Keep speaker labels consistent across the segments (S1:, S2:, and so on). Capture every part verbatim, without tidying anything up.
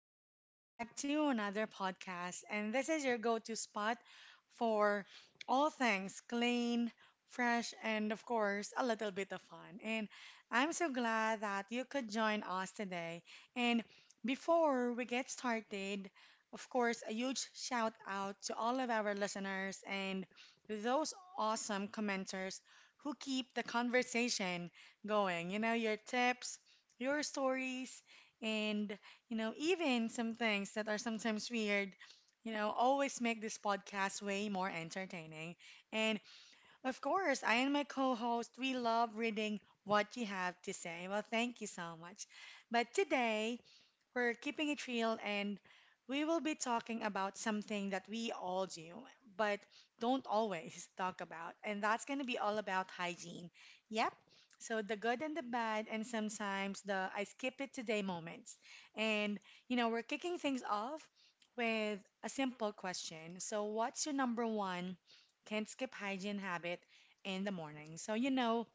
S1: and welcome back to another podcast. And this is your go to spot for all things clean, fresh, and of course, a little bit of fun. And I'm so glad that you could join us today. And before we get started, of course, a huge shout out to all of our listeners and those awesome commenters who keep the conversation going. You know, your tips, your stories, and you know, even some things that are sometimes weird, you know, always make this podcast way more entertaining. And of course, I and my co host, we love reading what you have to say. Well, thank you so much. But today, we're keeping it real and we will be talking about something that we all do, but don't always talk about. And that's going to be all about hygiene. Yep. So the good and the bad, and sometimes the I skip it today moments. And, you know, we're kicking things off with a simple question. So, what's your number one can't skip hygiene habit in the morning? So, you know,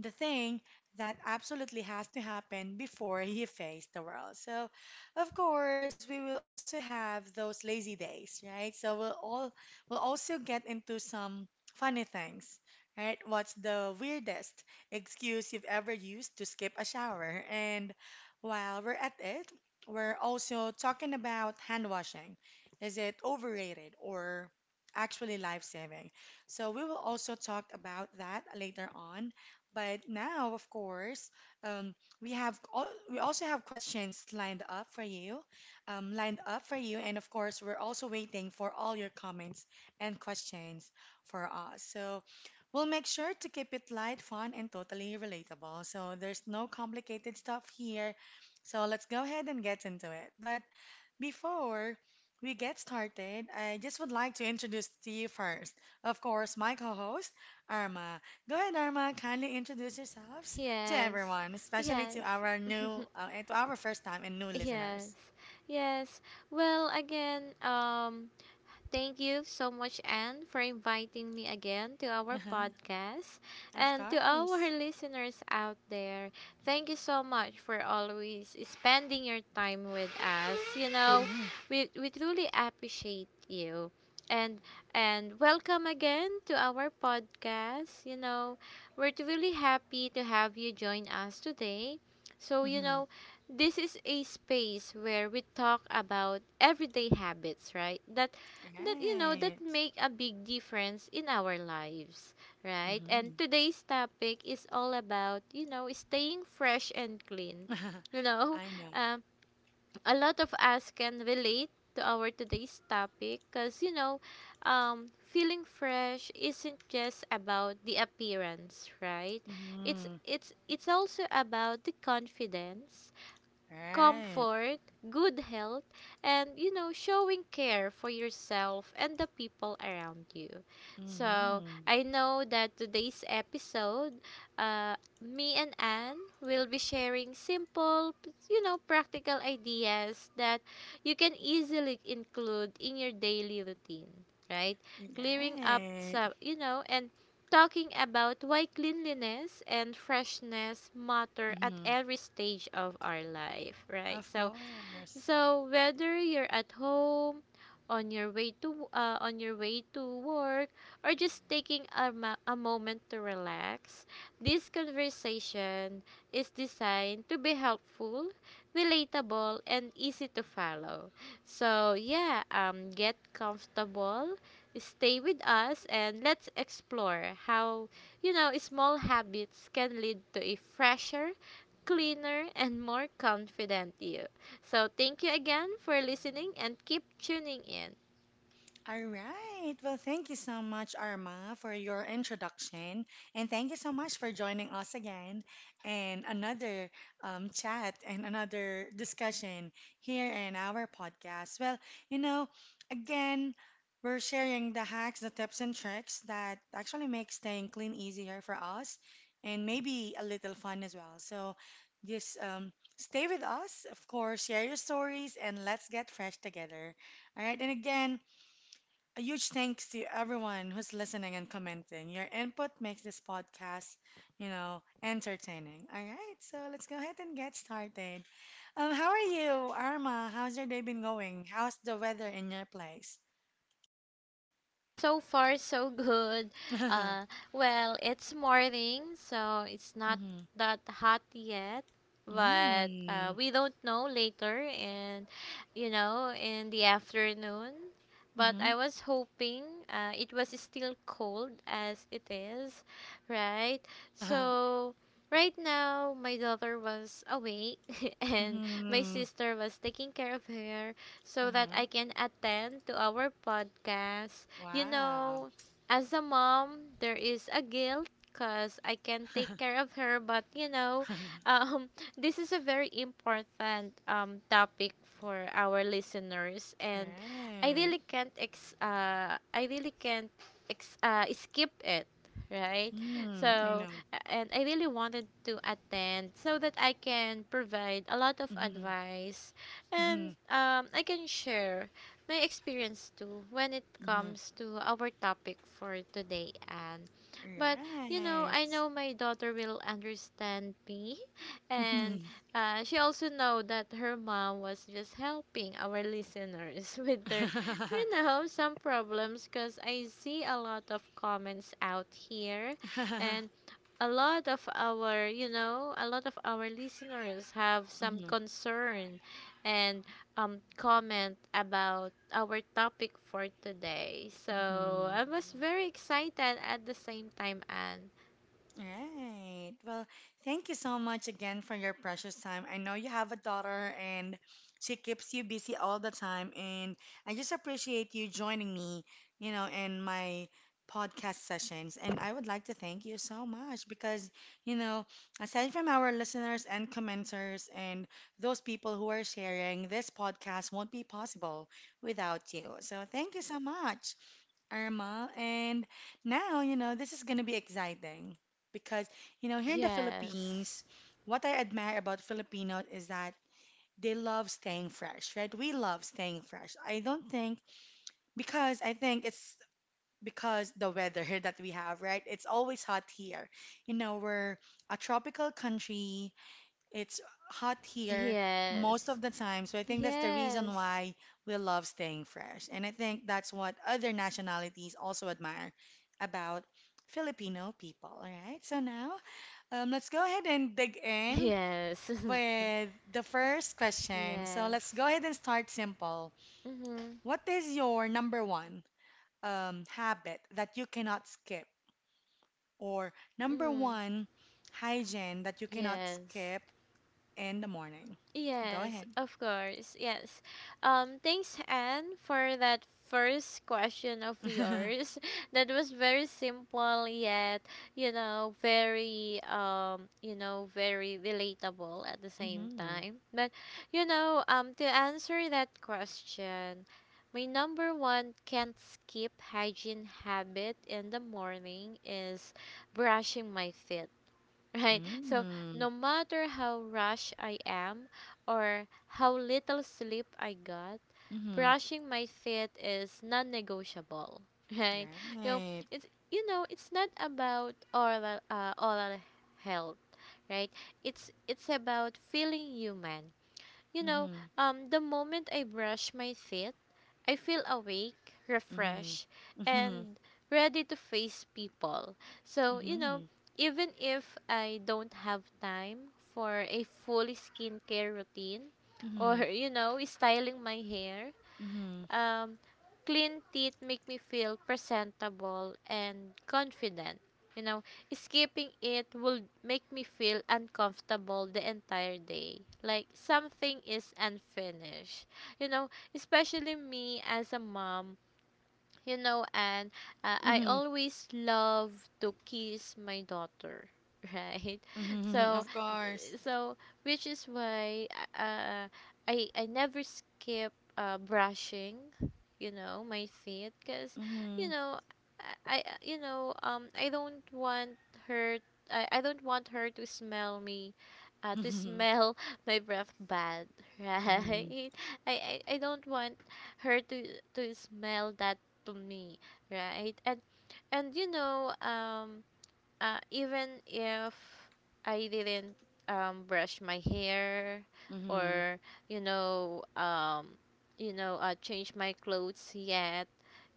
S1: the thing that absolutely has to happen before he faced the world. So, of course, we will also have those lazy days, right? So we'll all we'll also get into some funny things, right? What's the weirdest excuse you've ever used to skip a shower? And while we're at it, we're also talking about hand washing. Is it overrated or actually life-saving? So we will also talk about that later on. But now, of course, um, we have all, we also have questions lined up for you, um, lined up for you, and of course, we're also waiting for all your comments and questions for us. So we'll make sure to keep it light, fun, and totally relatable. So there's no complicated stuff here. So let's go ahead and get into it. But before we get started, I just would like to introduce to you first, of course, my co host, Arma. Go ahead, Arma, kindly introduce yourselves to
S2: Yes,
S1: everyone, especially to
S2: yes,
S1: our new, uh, to our first time and new
S2: yes,
S1: listeners.
S2: yes. Well, again, um, Thank you so much, Anne, for inviting me again to our
S1: Uh-huh.
S2: podcast.
S1: Of
S2: And to our
S1: course.
S2: listeners out there, thank you so much for always spending your time with us. You know,
S1: Mm-hmm.
S2: we, we truly appreciate you. And and welcome again to our podcast. You know, we're truly happy to have you join us today. So, you
S1: Mm-hmm.
S2: know, this is a space where we talk about everyday habits, right? That that you know that
S1: Right.
S2: make a big difference in our lives, right? And
S1: Mm-hmm.
S2: today's topic is all about, you know staying fresh and clean. you know
S1: I know.
S2: um, a lot of us can relate to our today's topic because you know um, feeling fresh isn't just about the appearance, right? it's
S1: Mm-hmm.
S2: it's it's also about the confidence,
S1: Right.
S2: comfort, good health, and you know, showing care for yourself and the people around you. So,
S1: Mm-hmm.
S2: I know that today's episode, uh, me and Anne will be sharing simple, p- you know, practical ideas that you can easily include in your daily routine, right? Clearing up
S1: Right.
S2: some, you know, and talking about why cleanliness and freshness matter at
S1: Mm-hmm.
S2: every stage of our life, right?
S1: Of
S2: So,
S1: course.
S2: so whether you're at home, on your way to uh, on your way to work, or just taking a, ma- a moment to relax, this conversation is designed to be helpful, relatable, and easy to follow. So yeah, um, get comfortable, stay with us, and let's explore how, you know small habits can lead to a fresher, cleaner, and more confident you. So, thank you again for listening and keep tuning in.
S1: All right. Well, thank you so much, Arma, for your introduction. And thank you so much for joining us again in another um, chat and another discussion here in our podcast. Well, you know, again, we're sharing the hacks, the tips, and tricks that actually make staying clean easier for us and maybe a little fun as well. So just um, stay with us, of course, share your stories, and let's get fresh together. All right. And again, a huge thanks to everyone who's listening and commenting. Your input makes this podcast, you know, entertaining. All right, so let's go ahead and get started. Um, how are you, Arma? How's your day been going? How's the weather in your
S2: Yes.
S1: place?
S2: Yes, well, and so far so good. Uh, well, it's morning, so it's not
S1: Mm-hmm.
S2: that hot yet, but uh,
S1: Mm-hmm.
S2: we don't know later and, you know, in the afternoon. But
S1: Mm-hmm.
S2: I was hoping uh, it was still cold as it is, right?
S1: Uh-huh.
S2: So right now my daughter was awake and my
S1: Mm-hmm.
S2: sister was taking care of her so that
S1: Uh-huh.
S2: I can attend to our podcast. You
S1: Wow.
S2: know, as a mom, there is a guilt because I can take care of her, but you know, um, this is a very important um, topic for our listeners, and I
S1: Right.
S2: really can't ex- uh, I really can't ex- uh, skip it, right?
S1: Mm, I
S2: so
S1: know.
S2: a- and I really wanted to attend so that I can provide a lot of
S1: Mm-hmm.
S2: advice and
S1: Mm-hmm.
S2: um, I can share my experience too when it comes to our topic for today, Anne. But
S1: Mm-hmm.
S2: you know, I
S1: Right.
S2: know my daughter will understand me, and
S1: Mm-hmm.
S2: uh, she also know that her mom was just helping our listeners with their, you know, some problems. Cause I see a lot of comments out here, and a lot of our you know a lot of our listeners have some
S1: Mhm,
S2: concern and um, comment about our topic for today. So
S1: mhm.
S2: I was very excited at the same time, and
S1: Right. Well, thank you so much again for your precious time. I know you have a daughter and she keeps you busy all the time, and I just appreciate you joining me, you know, in my podcast sessions. And I would like to thank you so much because, you know, aside from our listeners and commenters and those people who are sharing, this podcast won't be possible without you. So thank you so much. Irma. And now, you know, this is going to be exciting because, you know, here in the
S2: yes,
S1: Philippines, what I admire about Filipinos is that they love staying fresh, right? We love staying fresh. I don't think, because I think it's because the weather here that we have, right? It's always hot here. You know, we're a tropical country, it's hot here most
S2: yes,
S1: of the time, so I think that's the reason
S2: yes,
S1: why we love staying fresh. And I think that's what other nationalities also admire about Filipino people. All right, so now um, let's go ahead and dig in
S2: yes,
S1: with the first question. So
S2: yes,
S1: let's go ahead and start simple.
S2: mm-hmm.
S1: What is your number one um, habit that you cannot skip, or number
S2: Mm-hmm.
S1: one hygiene that you cannot
S2: Yes.
S1: skip in the morning? Go
S2: Yes,
S1: ahead.
S2: of course. Yes. Um, thanks, Anne, for that first question of yours. That was very simple yet, you know, very um, you know, very relatable at the same
S1: Mhm.
S2: time. But you know, um, to answer that question, my number one can't skip hygiene habit in the morning is brushing my teeth. Right. So
S1: Mm.
S2: no matter how rushed I am or how little sleep I got,
S1: Mhm.
S2: brushing my teeth is non-negotiable. Right. You know,
S1: Right.
S2: it's you know, it's not about oral uh, oral health, right? It's it's about feeling human. You know,
S1: Mhm.
S2: um the moment I brush my teeth, I feel awake,
S1: Mhm.
S2: refreshed,
S1: Mhm.
S2: and ready to face people. So, you know,
S1: Mhm.
S2: even if I don't have time for a full skincare routine or,
S1: Mhm.
S2: you know, styling my hair,
S1: Mhm.
S2: um, clean teeth make me feel presentable and confident. You know, skipping it will make me feel uncomfortable the entire day. Like something is unfinished. You know, especially me as a mom, you know and uh, I
S1: Mhm.
S2: always love to kiss my daughter, right?
S1: Mhm.
S2: so
S1: Of course.
S2: th- so which is why uh, i i never skip uh, brushing, you know my teeth because you
S1: Mhm.
S2: know I, I you know um I don't want her. I, I don't want her to smell me, uh, to
S1: Mhm.
S2: smell my breath bad,
S1: Mhm.
S2: right? I, I i don't want her to to smell that to me, right? and and you know um uh, Even if I didn't um, brush my hair
S1: Mhm.
S2: or, you know um, you know uh, change my clothes yet,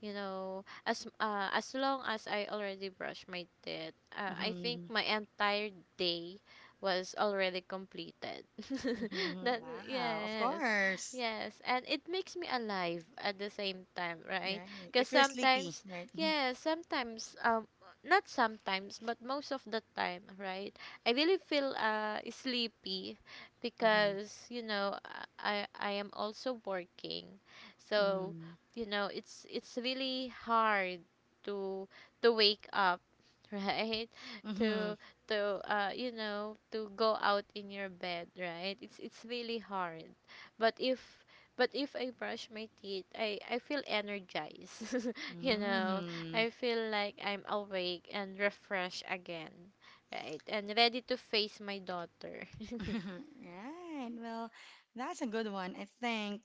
S2: you know as uh, as long as I already brushed my teeth, uh, I think
S1: Mhm.
S2: my entire day was already completed.
S1: Mhm.
S2: that
S1: Wow. Of
S2: yes
S1: course.
S2: Yes, and it makes me alive at the same time, right?
S1: Right.
S2: Because
S1: If you're sleepy,
S2: sometimes,
S1: right? Mhm.
S2: yes, sometimes um not sometimes but most of the time, right? I really feel uh sleepy
S1: Mhm.
S2: because you know uh, i i am also working. So
S1: Mhm.
S2: you know it's it's really hard to to wake up, right?
S1: Mhm.
S2: to to uh you know to go out in your bed, right? It's it's really hard. But if but if i brush my teeth, i i feel energized. You know,
S1: Mhm.
S2: I feel like I'm awake and refreshed again, right? And ready to face my daughter.
S1: Right. Well, that's a good one. I think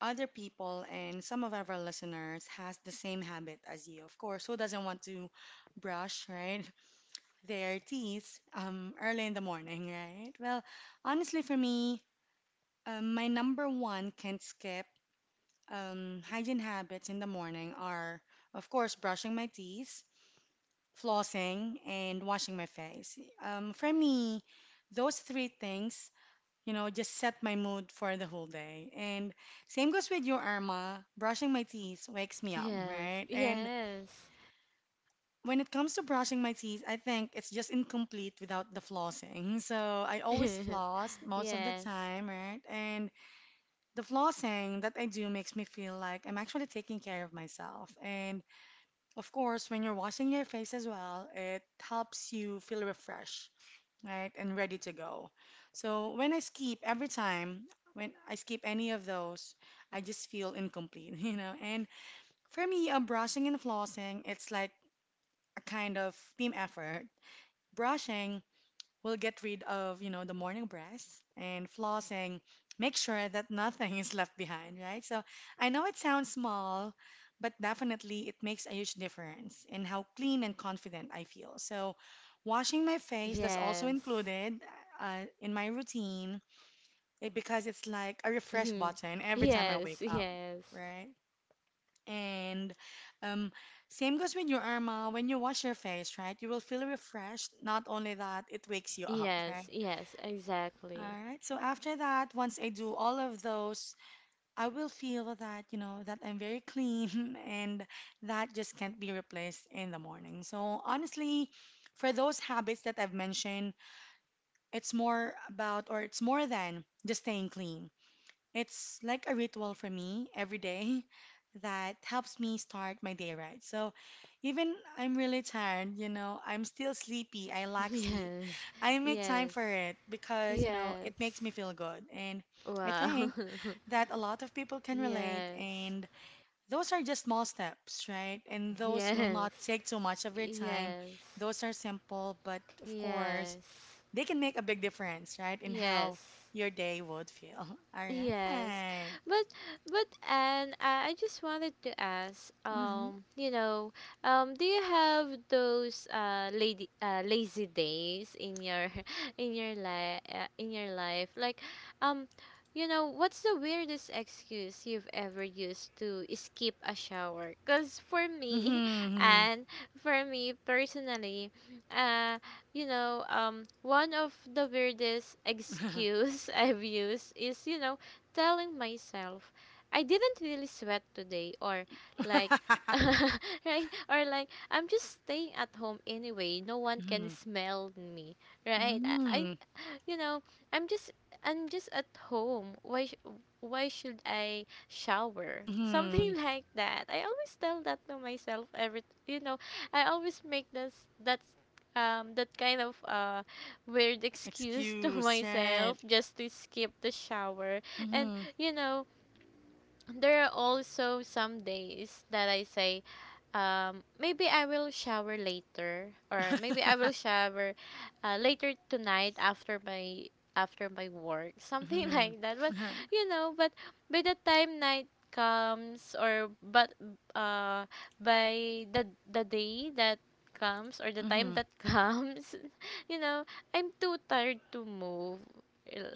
S1: other people and some of our listeners has the same habit as you. Of course, who doesn't want to brush, right? Their teeth um early in the morning, right? Well, honestly for me, um, my number one can't skip um hygiene habits in the morning are of course brushing my teeth, flossing, and washing my face. Um, for me, those three things you know, just set my mood for the whole day. And same goes with you, Irma. Brushing my teeth wakes me up,
S2: Yes,
S1: right? And
S2: yes,
S1: when it comes to brushing my teeth, I think it's just incomplete without the flossing. So I always floss most of the
S2: yes,
S1: time, right? And the flossing that I do makes me feel like I'm actually taking care of myself. And of course, when you're washing your face as well, it helps you feel refreshed right? And ready to go. So when I skip every time, when I skip any of those, I just feel incomplete, you know? And for me, uh, brushing and flossing, it's like a kind of team effort. Brushing we'll get rid of, you know, the morning breath and flossing. Make sure that nothing is left behind, right? So I know it sounds small, but definitely it makes a huge difference in how clean and confident I feel. So washing my
S2: yes,
S1: face that's also
S2: yes,
S1: included uh, in my routine it, because it's like a refresh
S2: mhm,
S1: button every time I
S2: yes,
S1: wake up,
S2: yes,
S1: right? And um, same goes with your Irma. When you wash your face, right, you will feel refreshed. Not only that, it wakes you up,
S2: yes,
S1: right?
S2: yes, exactly.
S1: All right. So after that, once I do all of those, I will feel that, you know, that I'm very clean and that just can't be replaced in the morning. So honestly, for those habits that I've mentioned, it's more about or it's more than just staying clean. It's like a ritual for me every day that helps me start my day right. So even I'm really tired, you know, I'm still sleepy. I lack sleep.
S2: Yes,
S1: I make time
S2: yes,
S1: for it because, you know,
S2: yes.
S1: it makes me feel good. And I
S2: Wow.
S1: think that a lot of people can relate.
S2: Yes,
S1: And those are just small steps, right? And those will
S2: yes,
S1: not take too much of your time.
S2: yes,
S1: Those are simple, but of course,
S2: yes,
S1: they can make a big difference, right, in how
S2: yes.
S1: your day would feel. All
S2: Yes.
S1: right.
S2: But but and I I just wanted to ask,
S1: Mm-hmm.
S2: um you know um do you have those uh lady uh lazy days in your, in your life, uh, in your life like, um you know, what's the weirdest excuse you've ever used to skip a shower? Cuz for me,
S1: Mm-hmm.
S2: and for me personally, uh you know um one of the weirdest excuse I've used is, you know, telling myself I didn't really sweat today, or like, right, or like, I'm just staying at home anyway, no one can
S1: Mm-hmm.
S2: smell me, right? I, I
S1: Mm-hmm.
S2: You know, I'm just I'm just at home. Why sh- why should I shower?
S1: Mm-hmm.
S2: Something like that. I always tell that to myself every, you know, I always make this, that um that kind of uh weird excuse to
S1: Excuse, right?
S2: myself just to skip the shower. And
S1: Mm-hmm.
S2: you know, there are also some days that I say, um, maybe I will shower later, or maybe I will shower uh, later tonight after my, after my work, something
S1: Mm-hmm.
S2: like that. But you know, but by the time night comes, or but uh, by the the day that comes, or the time
S1: Mm-hmm.
S2: that comes, you know, I'm too tired to move.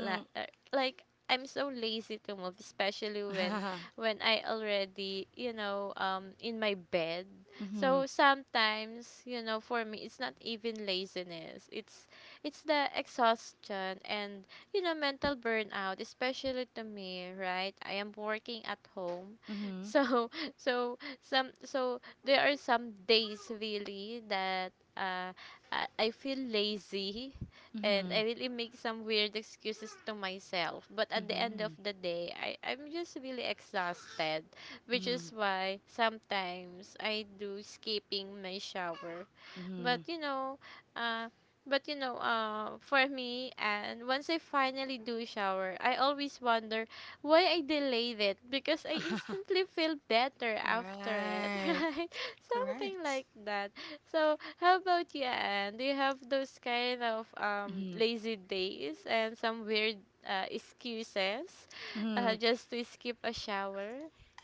S2: La- uh, Like, I'm so lazy to move, especially when when I already, you know, um, in my bed.
S1: Mm-hmm.
S2: So sometimes, you know, for me, it's not even laziness. It's it's the exhaustion and, you know, mental burnout, especially to me, right? I am working at home,
S1: Mm-hmm.
S2: so, so some so there are some days really that uh I I feel lazy and
S1: Mm-hmm.
S2: I really make some weird excuses to myself. But at the end of the day, I, I'm just really exhausted, which
S1: Mm-hmm.
S2: is why sometimes I do skipping my shower.
S1: Mm-hmm.
S2: But you know, uh, but you know, uh, for me, and once I finally do shower, I always wonder why I delayed it because I instantly feel better after it,
S1: Right.
S2: right? Something
S1: Correct.
S2: like that. So, how about you, Anne? Do you have those kind of um,
S1: Mm-hmm.
S2: lazy days and some weird uh, excuses
S1: Mm-hmm.
S2: uh, just to skip a shower?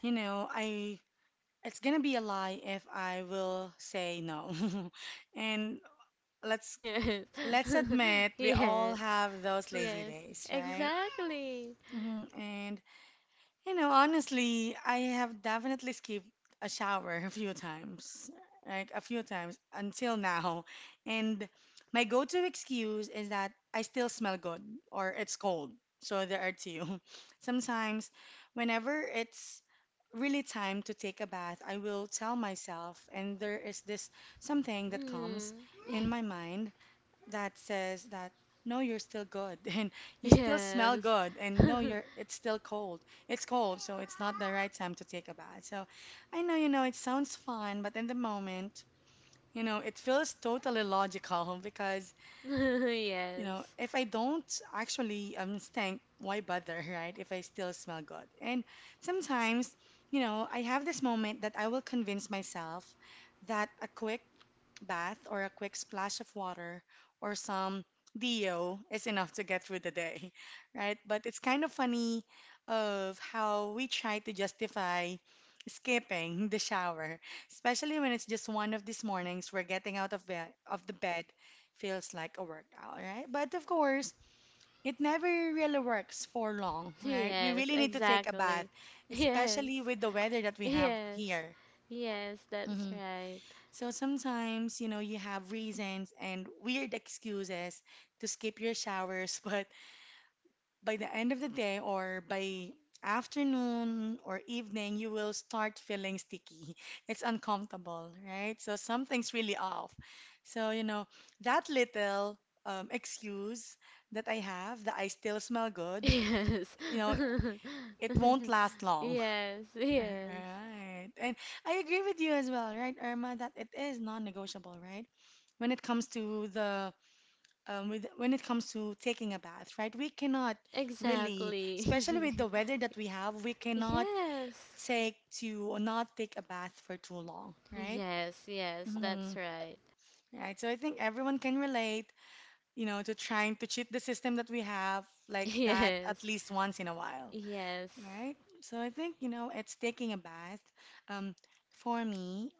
S1: You know, I It's gonna be a lie if I will say no. And let's
S2: Yes.
S1: let's admit we all
S2: Yes.
S1: have those lazy
S2: Yes.
S1: days, right?
S2: Exactly.
S1: Hmm. And you know, honestly, I have definitely skipped a shower a few times, like a few times until now. And my go-to excuse is that I still smell good or it's cold. So there are two. Sometimes, whenever it's really time to take a bath, I will tell myself, and there is this something that comes
S2: Mm.
S1: in my mind that says that no you're still good and you still smell
S2: Yes.
S1: good and no you're it's still cold it's cold so it's not the right time to take a bath so I know you know it sounds fun but in the moment you know it feels totally logical because you know
S2: Yes.
S1: if I don't actually um stink why bother right if I still smell good and sometimes you know I have this moment that I will convince myself that a quick bath or a quick splash of water or some deo is enough to get through the day, right? But it's kind of funny of how we try to justify skipping the shower, especially when it's just one of these mornings where getting out of bed of the bed feels like a workout, right? But of course, it never really works for long, right? We
S2: Yes,
S1: really need to take a bath,
S2: exactly.
S1: especially
S2: Yes.
S1: with the weather that we have
S2: Yes.
S1: here.
S2: Yes, that's
S1: Mm-hmm.
S2: right.
S1: So sometimes, you know, you have reasons and weird excuses to skip your showers, but by the end of the day or by afternoon or evening, you will start feeling sticky. It's uncomfortable, right? So something's really off. So, you know, that little um, excuse that I have that I still smell good,
S2: Yes.
S1: you know, it won't last long.
S2: Yes, yes.
S1: Right. And I agree with you as well, right, Irma, that it is non-negotiable, right? When it comes to the um, with when it comes to taking a bath, right? We cannot really,
S2: Exactly.
S1: especially with the weather that we have, we cannot
S2: Yes.
S1: take to or not take a bath for too long, right?
S2: Yes, yes, that's
S1: Mm,
S2: right.
S1: right. So I think everyone can relate, you know, to trying to cheat the system that we have like that at
S2: Yes.
S1: least once in a while.
S2: Yes.
S1: Right. So I think, you know, it's taking a bath. Um, for me,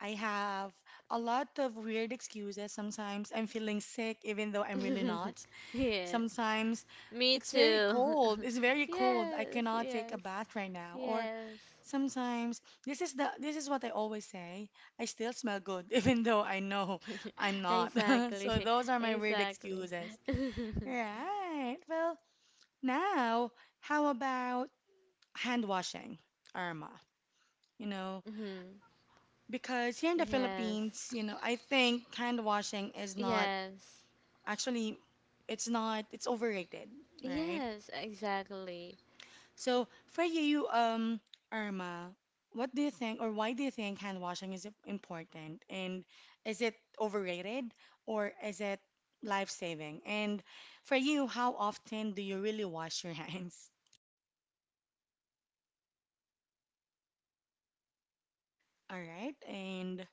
S1: I have a lot of weird excuses. Sometimes I'm feeling sick, even though I'm really not.
S2: Yes.
S1: Sometimes
S2: Me
S1: it's very
S2: too.
S1: cold. It's very cold. I
S2: Yes,
S1: cannot take
S2: yes.
S1: a bath right now. Or
S2: Yes.
S1: sometimes this is the this is what I always say. I still smell good, even though I know I'm not. So
S2: Exactly.
S1: those are my weird
S2: Exactly.
S1: excuses. Right. Well, now, how about hand washing, Irma, you know,
S2: Mhm.
S1: because here in the
S2: Yes.
S1: Philippines, you know, I think hand washing is not
S2: Yes.
S1: actually it's not it's overrated, right?
S2: Yes, exactly.
S1: So for you, um, Irma, what do you think or why do you think hand washing is important? And is it overrated or is it life saving? And for you, how often do you really wash your hands? All right, and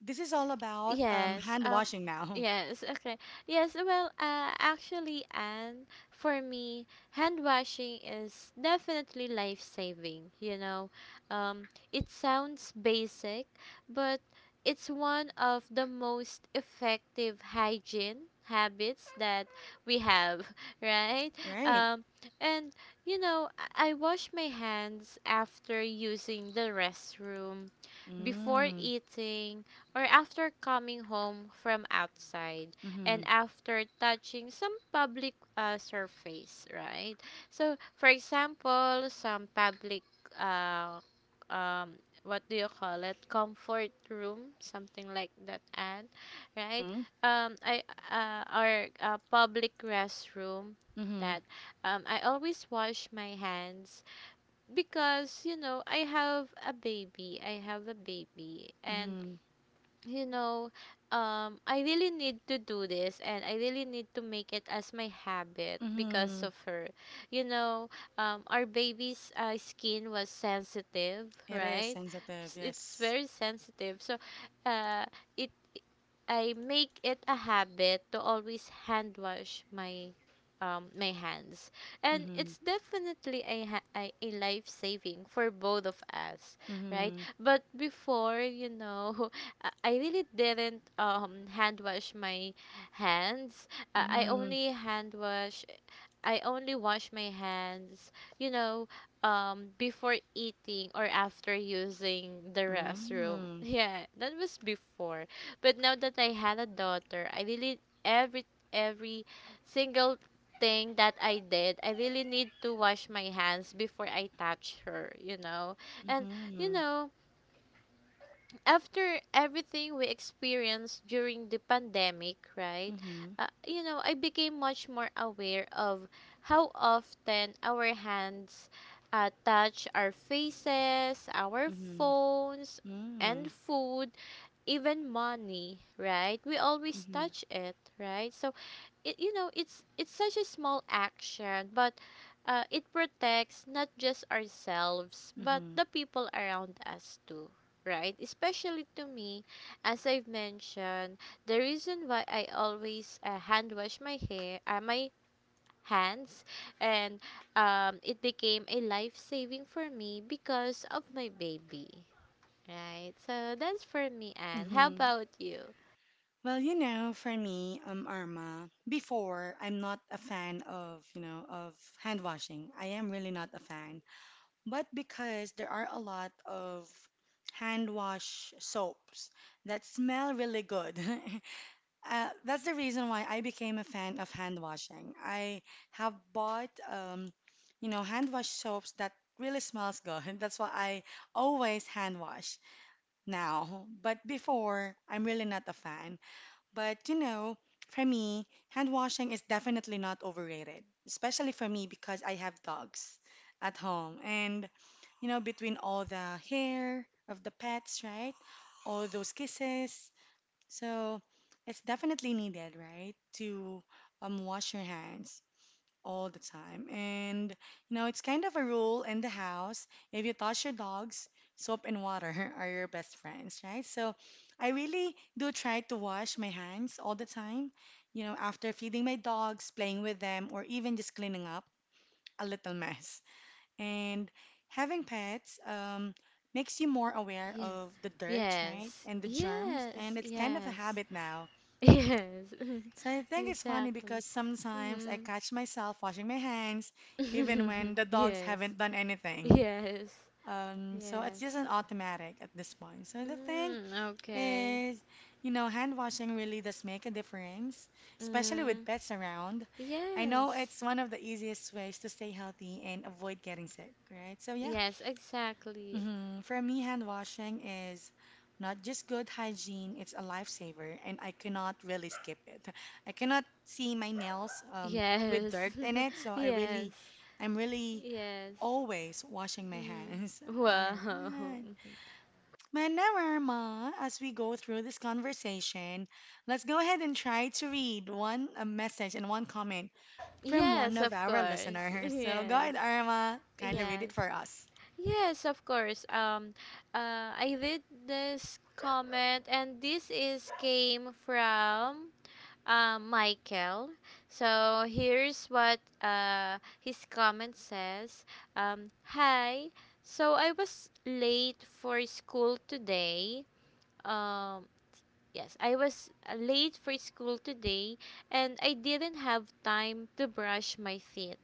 S1: this is all about um,
S2: Yes.
S1: hand
S2: Um.
S1: washing now,
S2: Yes. Okay. Yes. Well. Uh. Actually, and for me, hand washing is definitely life saving. You know, um, it sounds basic, but it's one of the most effective hygiene habits that we have, right?
S1: right?
S2: Um. And you know, I I wash my hands after using the restroom, before
S1: Mm.
S2: eating, or after coming home from outside, and
S1: Mm-hmm.
S2: after touching some public uh, surface, right? So, for example, some public uh, um what do you call it, comfort room, something like that, and right,
S1: Mm-hmm.
S2: um I uh or a public restroom,
S1: Mm-hmm.
S2: that um I always wash my hands, because you know i have a baby I have a baby, and
S1: Mm-hmm.
S2: you know, um, I really need to do this and I really need to make it as my habit because
S1: Mm-hmm.
S2: of her. You know, um, our baby's uh, skin was sensitive,
S1: It is
S2: right?
S1: sensitive,
S2: S- It's
S1: yes.
S2: very sensitive. So, uh, it I make it a habit to always hand wash my um my hands. And
S1: Mm-hmm.
S2: it's definitely a ha- a, a life saving for both of us, right?
S1: Mm-hmm.
S2: But before, you know, I I really didn't um hand wash my hands. Uh, I
S1: Mm-hmm.
S2: only hand wash I only wash my hands, you know, um, before eating or after using the restroom.
S1: Mm.
S2: Yeah, that was before. But now that I had a daughter, I really every every single thing that I did, I really need to wash my hands before I touch her, you know. And you
S1: Mm-hmm.
S2: know, after everything we experienced during the pandemic, right?
S1: Mm-hmm.
S2: Uh, you know, I became much more aware of how often our hands uh, touch our faces, our
S1: Mm-hmm.
S2: phones,
S1: Mm.
S2: and food, even money, right? We always
S1: Mm-hmm.
S2: touch it, right? So it you know it's it's such a small action but uh, it protects not just ourselves but
S1: Mm-hmm.
S2: the people around us too, right, especially to me, as I've mentioned. The reason why I always uh, hand wash my hair uh, my hands and um, it became a life saving for me because of my baby, right? So that's for me, and how
S1: Mm-hmm.
S2: about you?
S1: Well, you know, for me, um, Arma, before I'm not a fan of, you know, of hand washing. I am really not a fan. But because there are a lot of hand wash soaps that smell really good, uh, that's the reason why I became a fan of hand washing. I have bought, um, you know, hand wash soaps that really smells good. That's why I always hand wash now. But before, I'm really not a fan. But you know, for me, hand washing is definitely not overrated, especially for me because I have dogs at home and you know, between all the hair of the pets, right? All those kisses. So it's definitely needed, right? To um, wash your hands all the time. And, you know, it's kind of a rule in the house. If you touch your dogs, soap and water are your best friends, right? So I really do try to wash my hands all the time, you know, after feeding my dogs, playing with them, or even just cleaning up a little mess. And having pets um, makes you more aware
S2: Yeah.
S1: of the dirt, right?
S2: Yes.
S1: And the germs.
S2: Yes.
S1: And it's kind of a
S2: Yes.
S1: habit now.
S2: Yes,
S1: So I think it's funny
S2: exactly.
S1: because sometimes I
S2: Mhm.
S1: catch myself washing my hands even when the dogs
S2: yes,
S1: haven't done anything.
S2: yes,
S1: Um, so it's
S2: yes.
S1: just an automatic at this point. So the thing
S2: Mm, okay.
S1: is, you know, hand washing really does make a difference, especially with
S2: Mm,
S1: pets around. I know
S2: yes,
S1: it's one of the easiest ways to stay healthy and avoid getting sick, right? So yeah.
S2: yes, exactly.
S1: hmm For me, hand washing is not just good hygiene, it's a lifesaver, and I cannot really skip it. I cannot see my nails um, with dirt
S2: Yes,
S1: in it, so I
S2: yes,
S1: really, I'm really
S2: yes.
S1: always washing my
S2: Mm,
S1: hands. All
S2: wow.
S1: right. Manorama, as we go through this conversation, let's go ahead and try to read one a message and one comment from one
S2: Yes,
S1: of
S2: of
S1: our
S2: course.
S1: listeners. So go
S2: Yes,
S1: ahead, Arma, kindly read
S2: yes.
S1: it for us.
S2: Yes, of course. Um, uh, I did this comment, and this is came from uh, Michael. So here's what uh, his comment says. Um, Hi. So I was late for school today. Um, yes, I was uh, late for school today, and I didn't have time to brush my teeth.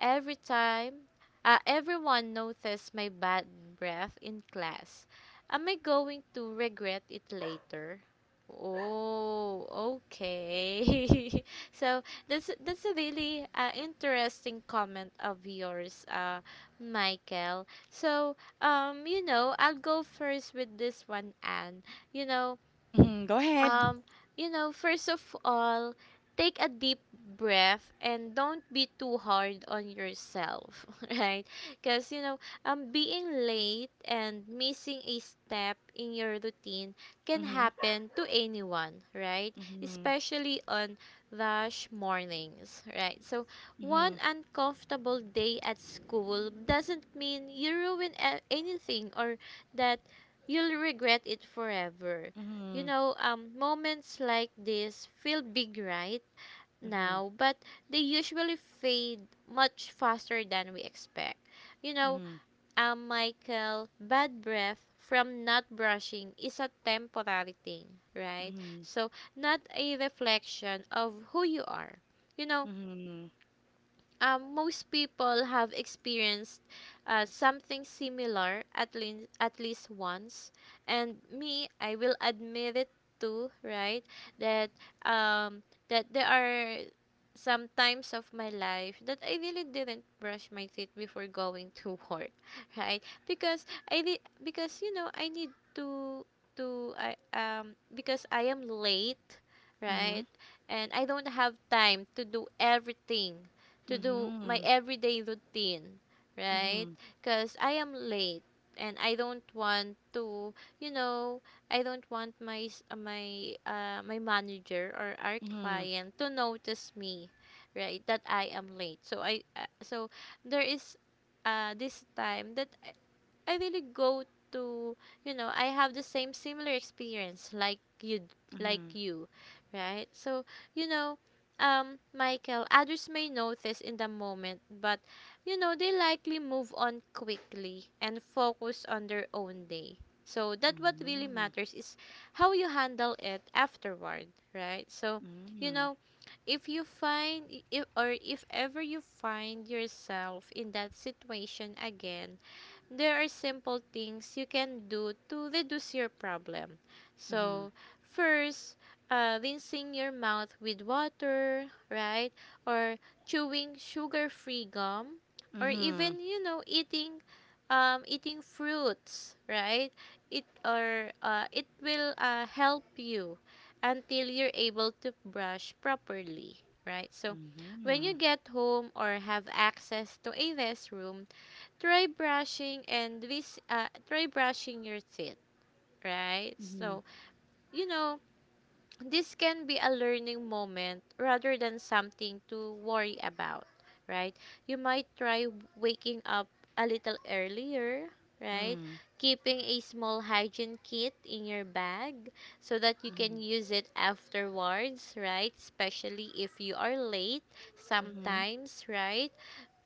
S2: Every time uh, everyone noticed my bad breath in class. Am I going to regret it later? Oh, okay. So that's that's a really uh, interesting comment of yours, uh, Michael. So um, you know, I'll go first with this one, Anne. You know,
S1: hmm Go ahead.
S2: um, you know, first of all, take a deep breath and don't be too hard on yourself, right? Because, you know, um, being late and missing a step in your routine can happen to anyone, right?
S1: Mhm.
S2: Especially on rush mornings, right? So, one
S1: Mhm.
S2: uncomfortable day at school doesn't mean you ruin a- anything or that you'll regret it forever. You
S1: Mhm.
S2: know, um, moments like this feel big right
S1: Mhm.
S2: now, but they usually fade much faster than we expect. You know,
S1: Mhm.
S2: um, Michael, bad breath from not brushing is a temporary thing, right?
S1: Mhm.
S2: So, not a reflection of who you are. You know,
S1: Mhm.
S2: um, most people have experienced uh, something similar at least at least once, and me, I will admit it too, right? That um that there are some times of my life that I really didn't brush my teeth before going to work, right? Because I re- because you know I need to to I um because I am late, right,
S1: Mhm.
S2: and I don't have time to do everything, to do my
S1: Mhm.
S2: everyday routine, right? Because I am late and I don't want to, you know, I don't want my s- uh, my uh, my manager or our
S1: Mhm. Mhm.
S2: client to notice me, right? That I am late. So I uh, so there is uh this time that I really go to, you know, I have the same similar experience like you d- like
S1: Mhm.
S2: you, right? So, you know, um, Michael, others may notice in the moment, but you know, they likely move on quickly and focus on their own day. So, that what really
S1: Mhm.
S2: matters is how you handle it afterward, right? So, you know, if you find if, or if ever you find yourself in that situation again, there are simple things you can do to reduce your problem.
S1: Mhm. Mhm.
S2: So, first, uh, rinsing your mouth with water, right? Or chewing sugar-free gum, or even you know eating, um, eating fruits, right? It or uh, it will uh, help you until you're able to brush properly, right? So, when you
S1: Mhm.
S2: get home or have access to a restroom, try brushing and this uh, try brushing your teeth, right?
S1: Mhm. Mhm.
S2: So you know this can be a learning moment rather than something to worry about, right? You might try waking up a little earlier, right?
S1: Mm.
S2: Keeping a small hygiene kit in your bag so that you can
S1: Mhm.
S2: use it afterwards, right? Especially if you are late sometimes, right?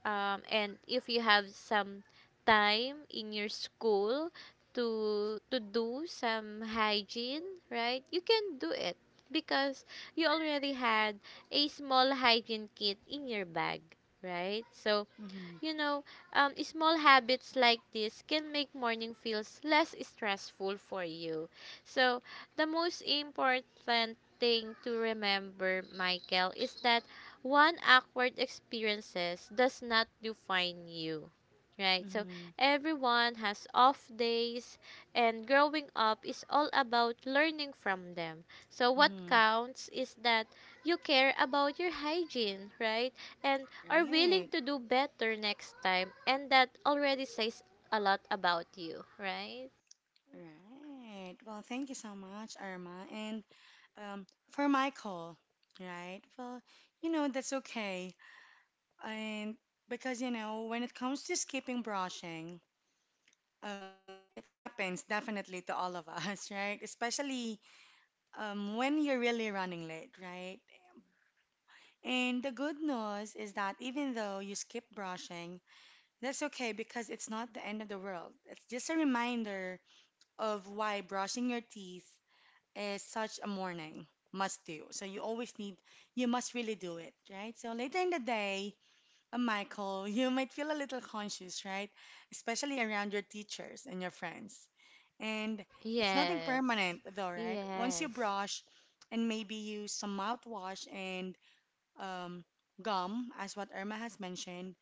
S2: um, and if you have some time in your school to to do some hygiene, right, you can do it because you already had a small hygiene kit in your bag, right? So
S1: Mhm. Mhm.
S2: you know, um, small habits like this can make morning feels less stressful for you. So, the most important thing to remember, Michael, is that one awkward experiences does not define you. Right? So,
S1: Mhm.
S2: everyone has off days and growing up is all about learning from them. So, what
S1: Mhm.
S2: counts is that you care about your hygiene, right? And are willing
S1: Right.
S2: to do better next time, and that already says a lot about you, right?
S1: Right. Well, thank you so much, Irma. And um, for Michael, right? Well, you know, that's okay. And because, you know, when it comes to skipping brushing, um, it happens definitely to all of us, right? Especially um, when you're really running late, right? And the good news is that even though you skip brushing, that's okay because it's not the end of the world. It's just a reminder of why brushing your teeth is such a morning must do. So you always need, you must really do it, right? So later in the day, uh, Michael, you might feel a little conscious, right? Especially around your teachers and your friends. And it's nothing
S2: Yes.
S1: permanent, though, right? Once you
S2: Yes.
S1: brush and maybe use some mouthwash and um, gum, as what Irma has mentioned,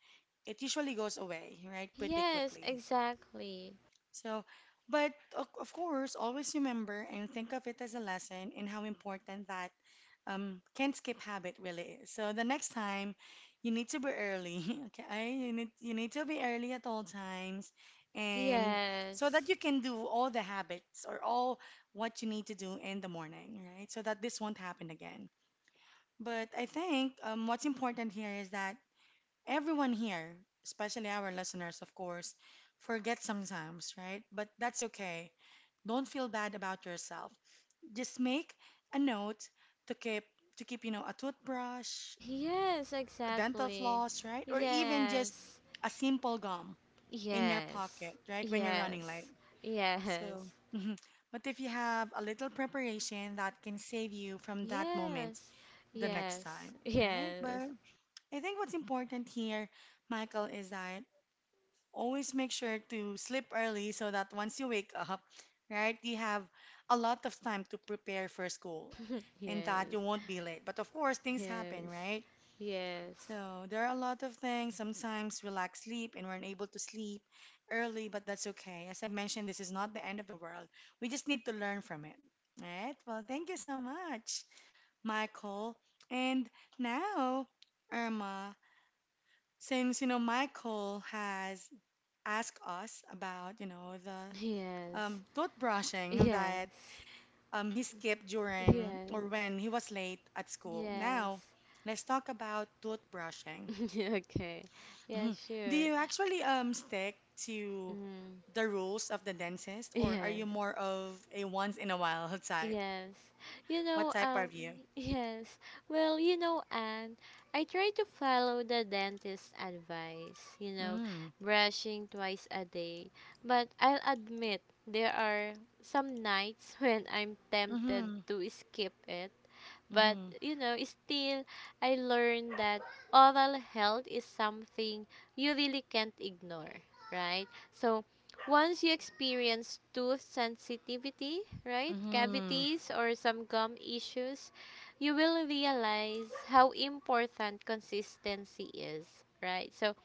S1: it usually goes away, right? Pretty
S2: Yes,
S1: quickly.
S2: exactly.
S1: So, but of of course, always remember and think of it as a lesson in how important that um, can't skip habit really. So the next time, you need to be early. Okay, you need you need to be early at all times, and so that
S2: Yes.
S1: you can do all the habits or all what you need to do in the morning, right? So that this won't happen again. But I think um, what's important here is that everyone here, especially our listeners, of course, forget sometimes, right? But that's okay. Don't feel bad about yourself. Just make a note to keep to keep, you know, a toothbrush,
S2: Yes,
S1: dental
S2: exactly.
S1: floss, right? Or even just
S2: Yes.
S1: a simple gum in your
S2: Yes.
S1: pocket, right? When you're running late.
S2: Yes.
S1: So,
S2: Yes.
S1: mhm. But if you have a little preparation, that can save you from that moment
S2: Yes.
S1: the next time,
S2: Yes.
S1: right?
S2: Yes.
S1: But I think what's important here, Michael, is that always make sure to sleep early so that once you wake up, right, you have a lot of time to prepare for school and that
S2: Yes.
S1: you won't be late. But of course, things happen,
S2: Yes.
S1: right?
S2: Yes.
S1: So there are a lot of things. Sometimes we lack sleep and we're unable to sleep early, but that's okay. As I mentioned, this is not the end of the world. We just need to learn from it. All right? Well, thank you so much, Michael. And now, Irma, since you know Michael has asked us about, you know, the
S2: Yes.
S1: um, toothbrushing that
S2: Yes.
S1: um, he skipped during or
S2: Yes.
S1: when he was late at school. Now,
S2: Yes.
S1: let's talk about toothbrushing.
S2: okay. Yeah,
S1: Mhm. Do
S2: sure.
S1: you actually um, stick to
S2: Mm.
S1: the rules of the dentist, or are you
S2: Yes.
S1: more of a once in a while type?
S2: Yes. You
S1: What
S2: know,
S1: type are
S2: um,
S1: you?
S2: yes. Well, you know, and I try to follow the dentist's advice, you know,
S1: Mm.
S2: brushing twice a day. But I'll admit there are some nights when I'm tempted
S1: Mm-hmm.
S2: to skip it. But
S1: Mm-hmm.
S2: you know, still, I learned that oral health is something you really can't ignore, right? So once you experience tooth sensitivity, right,
S1: Mm-hmm.
S2: cavities or some gum issues, you will realize how important consistency is, right? So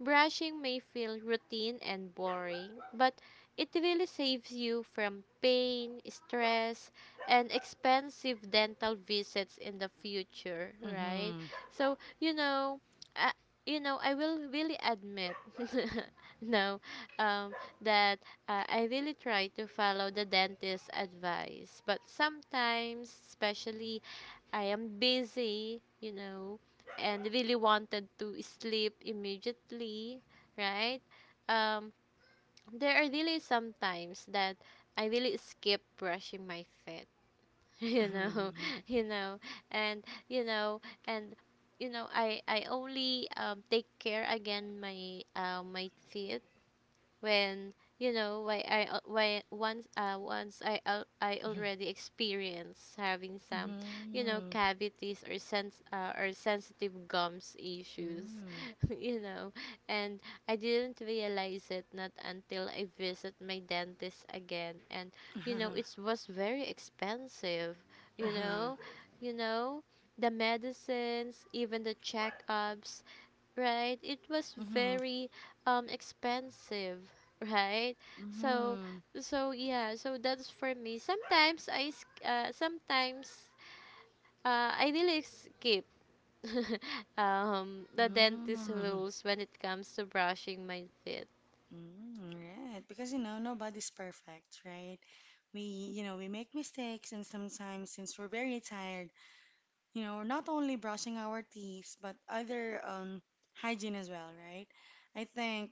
S2: brushing may feel routine and boring, but it really saves you from pain, stress, and expensive dental visits in the future, right?
S1: Mm-hmm.
S2: So, you know, uh, you know, I will really admit no um that uh, I really try to follow the dentist's advice, but sometimes, especially I am busy, you know, and really wanted to sleep immediately, right? Um, there are really some times that I really skip brushing my teeth, you know,
S1: Mm-hmm.
S2: you know, and you know, and you know, I I only um take care again my uh, my teeth when you know why I al- why once uh once I al- I already experienced having some, you know,
S1: Mm-hmm.
S2: cavities or sense uh, or sensitive gums issues you know, and I didn't realize it not until I visit my dentist again, and you know
S1: Mm-hmm.
S2: it was very expensive, you know, you know, the medicines, even the checkups, right? It was
S1: Mm-hmm.
S2: very um expensive. Right? So
S1: Mm-hmm.
S2: so yeah, so that's for me sometimes i sk- uh, sometimes uh, I really skip um the dentist
S1: Mm-hmm.
S2: rules when it comes to brushing my teeth.
S1: Mm, right. Because you know, nobody's perfect, right? We, you know, we make mistakes and sometimes since we're very tired, you know, we're not only brushing our teeth, but other um hygiene as well, right? I think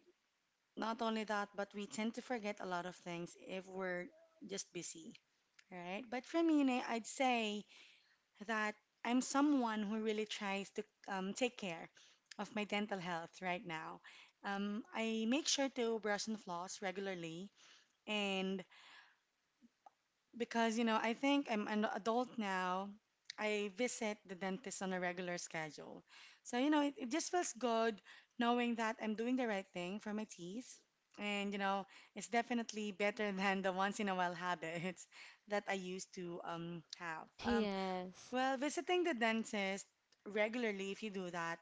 S1: not only that, but we tend to forget a lot of things if we're just busy, right? But for me, Nay, I'd say that I'm someone who really tries to um, take care of my dental health right now. Um, I make sure to brush and floss regularly, and because you know, I think I'm an adult now, I visit the dentist on a regular schedule. So, you know, it, it just feels good knowing that I'm doing the right thing for my teeth. And, you know, it's definitely better than the once in a while habits that I used to um, have. Um,
S2: Yes.
S1: well, visiting the dentist regularly, if you do that,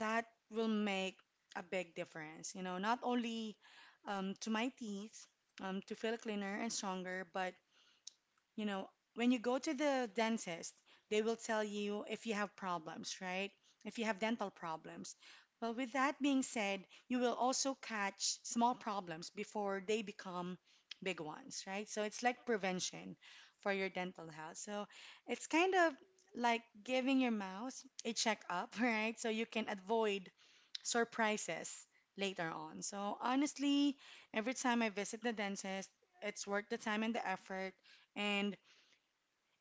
S1: that will make a big difference. You know, not only um, to my teeth, um, to feel cleaner and stronger, but you know, when you go to the dentist, they will tell you if you have problems, right? If you have dental problems. Well, with that being said, you will also catch small problems before they become big ones, right? So it's like prevention for your dental health. So it's kind of like giving your mouth a checkup, right? So you can avoid surprises later on. So honestly, every time I visit the dentist, it's worth the time and the effort. And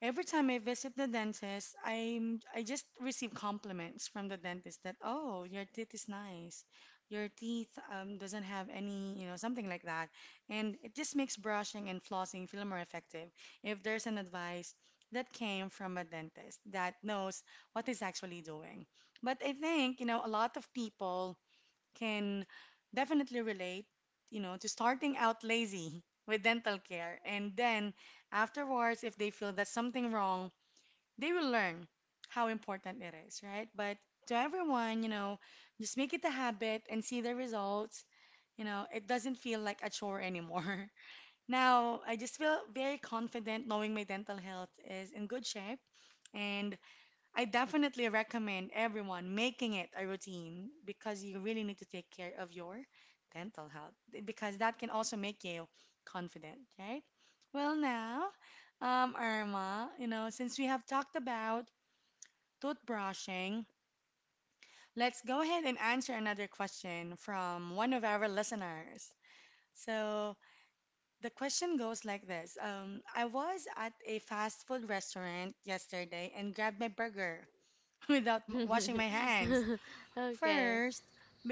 S1: every time I visit the dentist, I'm I just receive compliments from the dentist that, "Oh, your teeth is nice. Your teeth um, doesn't have any, you know, something like that." And it just makes brushing and flossing feel more effective if there's an advice that came from a dentist that knows what is actually doing. But I think, you know, a lot of people can definitely relate, you know, to starting out lazy with dental care. And then afterwards, if they feel that's something wrong, they will learn how important it is, right? But to everyone, you know, just make it a habit and see the results. You know, it doesn't feel like a chore anymore. Now, I just feel very confident knowing my dental health is in good shape and I definitely recommend everyone making it a routine because you really need to take care of your dental health because that can also make you confident, right? Well, now, um, Irma, you know, since we have talked about toothbrushing, let's go ahead and answer another question from one of our listeners. So the question goes like this: um, I was at a fast food restaurant yesterday and grabbed my burger without m- washing my hands.
S2: Okay.
S1: First,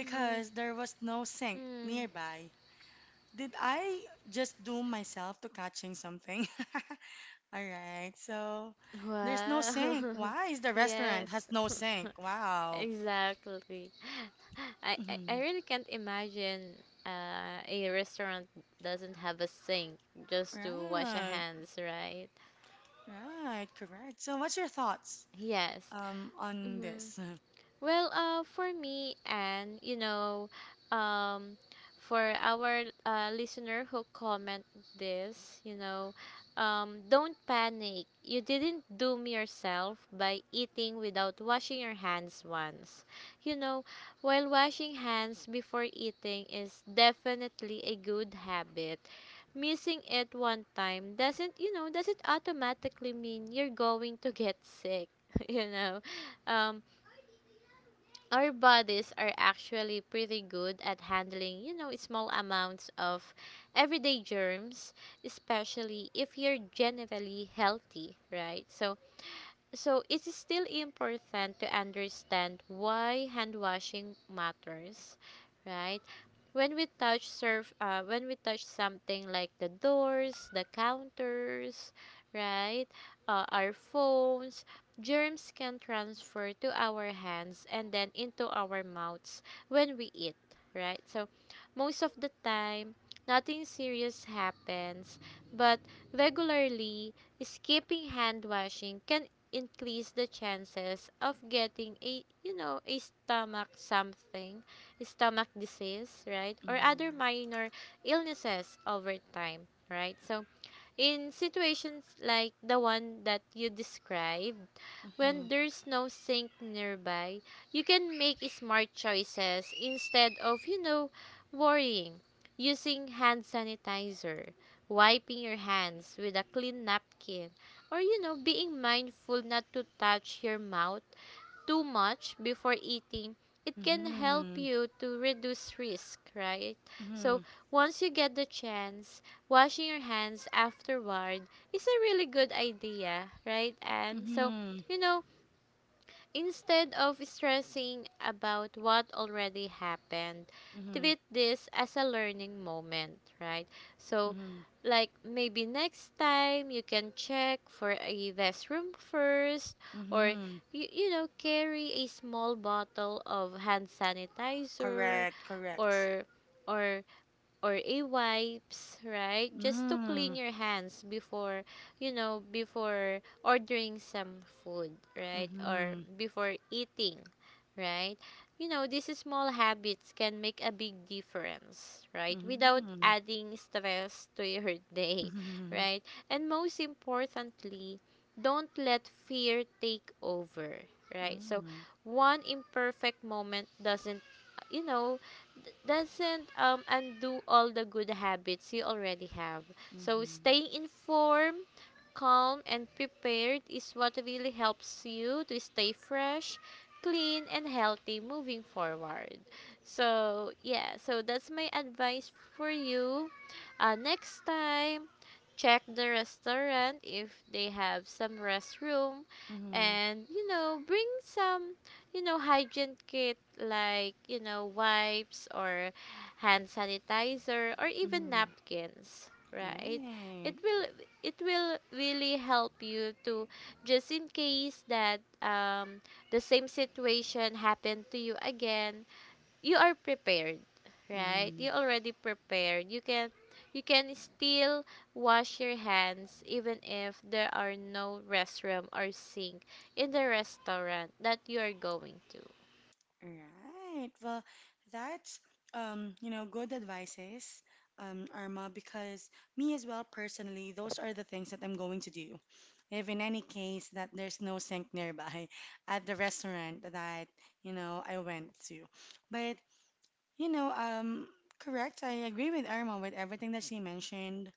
S2: Mm-hmm.
S1: there was no sink
S2: Mm.
S1: nearby. Did I just doom myself to catching something? All right, so there's no
S2: Wow.
S1: sink. Why is the restaurant
S2: Yes.
S1: has no sink? Wow.
S2: Exactly. I, I, I
S1: Mhm.
S2: really can't imagine uh, a restaurant doesn't have a sink just to wash your
S1: Right,
S2: hands, right?
S1: right, correct. So what's your thoughts
S2: Yes.
S1: um on
S2: Mm-hmm.
S1: this?
S2: Well, uh, for me, and you know, um, for our uh, listener who comment this, you know, um, don't panic. You didn't doom yourself by eating without washing your hands once. You know, while washing hands before eating is definitely a good habit. Missing it one time doesn't, you know, doesn't automatically mean you're going to get sick. You know, um, our bodies are actually pretty good at handling, you know, small amounts of everyday germs, especially if you're generally healthy, right? So, so it is still important to understand why hand washing matters, right? When we touch surf uh, when we touch something like the doors, the counters, right, uh, our phones, germs can transfer to our hands and then into our mouths when we eat, right? So most of the time nothing serious happens, but regularly skipping hand washing can increase the chances of getting a, you know, a stomach something stomach disease, right, or other minor illnesses over time, right? So, in situations like the one that you described,
S1: Mhm,
S2: when
S1: mhm,
S2: there's no sink nearby, you can make smart choices instead of, you know, worrying. Using hand sanitizer, wiping your hands with a clean napkin, or, you know, being mindful not to touch your mouth too much before eating, it can help
S1: mhm,
S2: you to reduce risk, right? So
S1: mhm,
S2: once you get the chance, washing your hands afterward is a really good idea, right? And so,
S1: mhm,
S2: you know, instead of stressing about what already happened,
S1: mhm,
S2: treat this as a learning moment, right? So,
S1: mhm,
S2: like maybe next time you can check for a restroom first, or
S1: mhm.
S2: you, you know, carry a small bottle of hand sanitizer
S1: Correct, correct.
S2: or or or a wipes, right? Just to clean
S1: Mm,
S2: your hands before, you know, before ordering some food, right? Or
S1: mhm.
S2: before eating, right? You know, these small habits can make a big difference, right? Without
S1: Mm.
S2: adding stress to your day,
S1: Mm.
S2: right? And most importantly, don't let fear take over, right? So,
S1: Mm.
S2: one imperfect moment doesn't uh, you know d- doesn't um, undo all the good habits you already have. So
S1: Mm.
S2: staying informed, calm and prepared is what really helps you to stay fresh, clean, and healthy moving forward. So, yeah, so that's my advice for you. Uh, next time, check the restaurant if they have some restroom
S1: Mm.
S2: and you know bring some you know hygiene kit like you know wipes or hand sanitizer or even
S1: Mm.
S2: napkins, right? it
S1: Right.
S2: will it will really help you. To just in case that um the same situation happened to you again, you are prepared, right?
S1: Mm.
S2: You already prepared. You can you can still wash your hands even if there are no restroom or sink in the restaurant that you are going to.
S1: Right. Well, that's um, you know, good advices, um, Arma, because me as well personally, those are the things that I'm going to do. If in any case that there's no sink nearby at the restaurant that, you know, I went to. But, you know, um, correct, I agree with Irma with everything that she mentioned.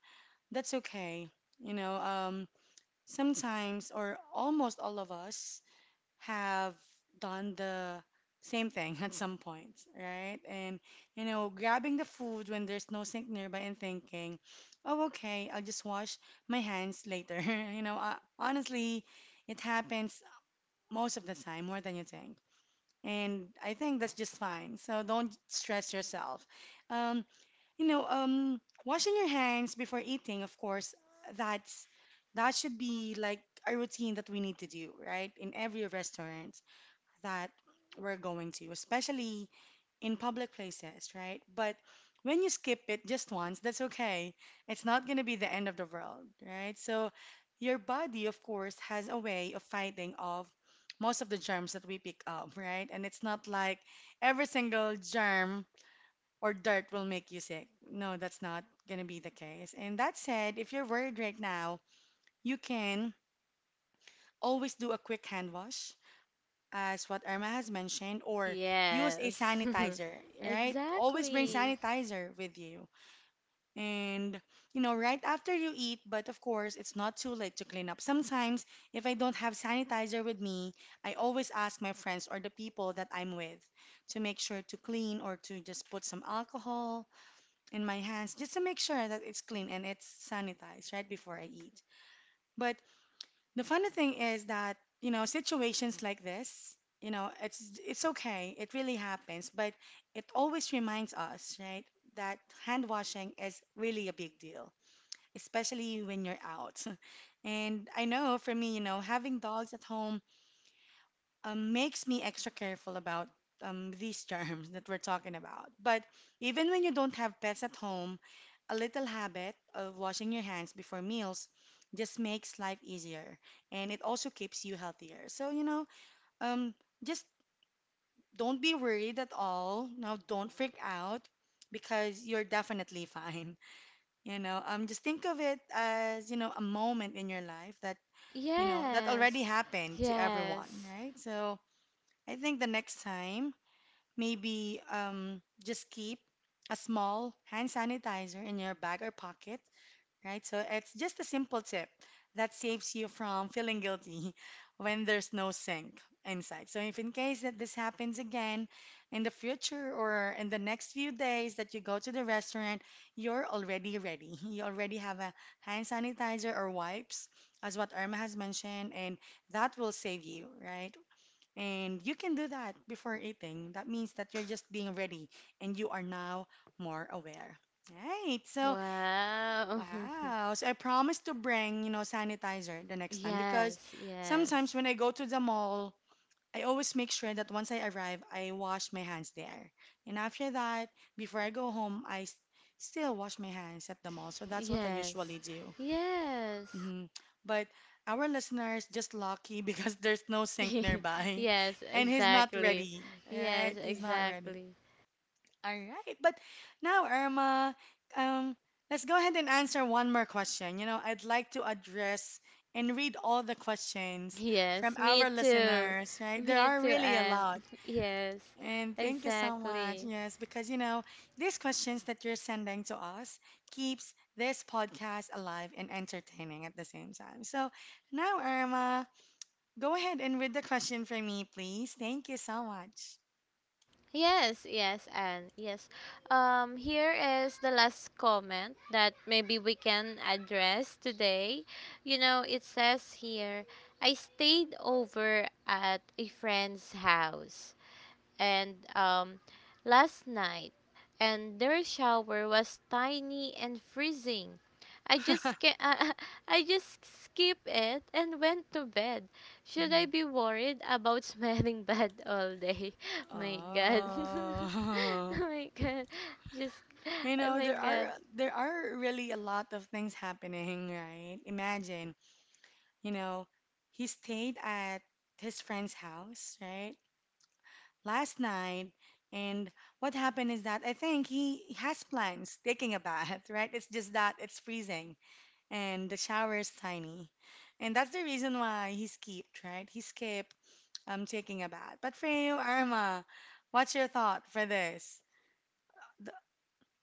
S1: That's okay. You know, um, Sometimes or almost all of us have done the same thing at some point, right? And, you know, grabbing the food when there's no sink nearby and thinking, oh, okay, I'll just wash my hands later. You know, uh, honestly, it happens most of the time, more than you think. And I think that's just fine. So don't stress yourself. Um, you know, um, Washing your hands before eating, of course, that's that should be like a routine that we need to do, right? In every restaurant that we're going to, especially in public places, right? But when you skip it just once, that's okay. It's not going to be the end of the world, right? So your body, of course, has a way of fighting off most of the germs that we pick up, right? And it's not like every single germ or dirt will make you sick. No, that's not going to be the case. And that said, if you're worried right now, you can always do a quick hand wash, as what Irma has mentioned, or use a
S2: Yes.
S1: sanitizer, right? Always bring
S2: Exactly.
S1: sanitizer with you. And, you know, right after you eat, but of course, it's not too late to clean up. Sometimes, if I don't have sanitizer with me, I always ask my friends or the people that I'm with to make sure to clean or to just put some alcohol in my hands just to make sure that it's clean and it's sanitized right before I eat. But the funny thing is that, you know, situations like this, you know, it's it's okay. It really happens, but it always reminds us, right, that hand washing is really a big deal, especially when you're out. And I know for me, you know, having dogs at home um, makes me extra careful about um, these germs that we're talking about. But even when you don't have pets at home, a little habit of washing your hands before meals just makes life easier and it also keeps you healthier. So, you know, um, just don't be worried at all. Now, don't freak out because you're definitely fine. You know, um, just think of it as, you know, a moment in your life that, you know, that already
S2: Yes,
S1: happened to everyone,
S2: yes.
S1: right? So, I think the next time maybe um, just keep a small hand sanitizer in your bag or pocket, right? So it's just a simple tip that saves you from feeling guilty when there's no sink inside. So if in case that this happens again in the future or in the next few days that you go to the restaurant, you're already ready. You already have a hand sanitizer or wipes, as what Irma has mentioned, and that will save you, right? And you can do that before eating. That means that you're just being ready and you are now more aware. Right. So,
S2: Wow.
S1: wow. So I promise to bring, you know, sanitizer the next time because
S2: Yes,
S1: sometimes
S2: yes.
S1: when I go to the mall, I always make sure that once I arrive, I wash my hands there. And after that, before I go home, I s- still wash my hands at the mall. So that's what I
S2: Yes.
S1: usually do.
S2: Yes.
S1: Hmm. But our listener is just lucky because there's no sink nearby
S2: Yes,
S1: and he's not
S2: exactly.
S1: ready,
S2: Yes,
S1: right? He's not ready.
S2: exactly.
S1: All right. But now, Irma, um, let's go ahead and answer one more question. You know, I'd like to address and read all the questions from
S2: Yes, me
S1: our
S2: too.
S1: listeners, right? There
S2: Me
S1: are
S2: too,
S1: really a
S2: and
S1: lot.
S2: yes,
S1: And thank you so much.
S2: exactly.
S1: Yes, because you know, these questions that you're sending to us keeps this podcast alive and entertaining at the same time. So now, Irma, go ahead and read the question for me, please. Thank you so much.
S2: Yes, yes, and yes. Um, here is the last comment that maybe we can address today. You know, it says here, I stayed over at a friend's house and um, last night, and their shower was tiny and freezing. I just ca- I just skipped it and went to bed. Should I
S1: Mhm.
S2: be worried about smelling bad all day? My God, oh
S1: Oh,
S2: my God, just
S1: you
S2: oh
S1: know,
S2: my
S1: there
S2: God.
S1: are there are really a lot of things happening, right? Imagine, you know, he stayed at his friend's house, right? Last night. And what happened is that I think he has plans taking a bath, right? It's just that it's freezing and the shower is tiny. And that's the reason why he skipped, right? He skipped um, taking a bath. But for you, Irma, what's your thought for this? Th-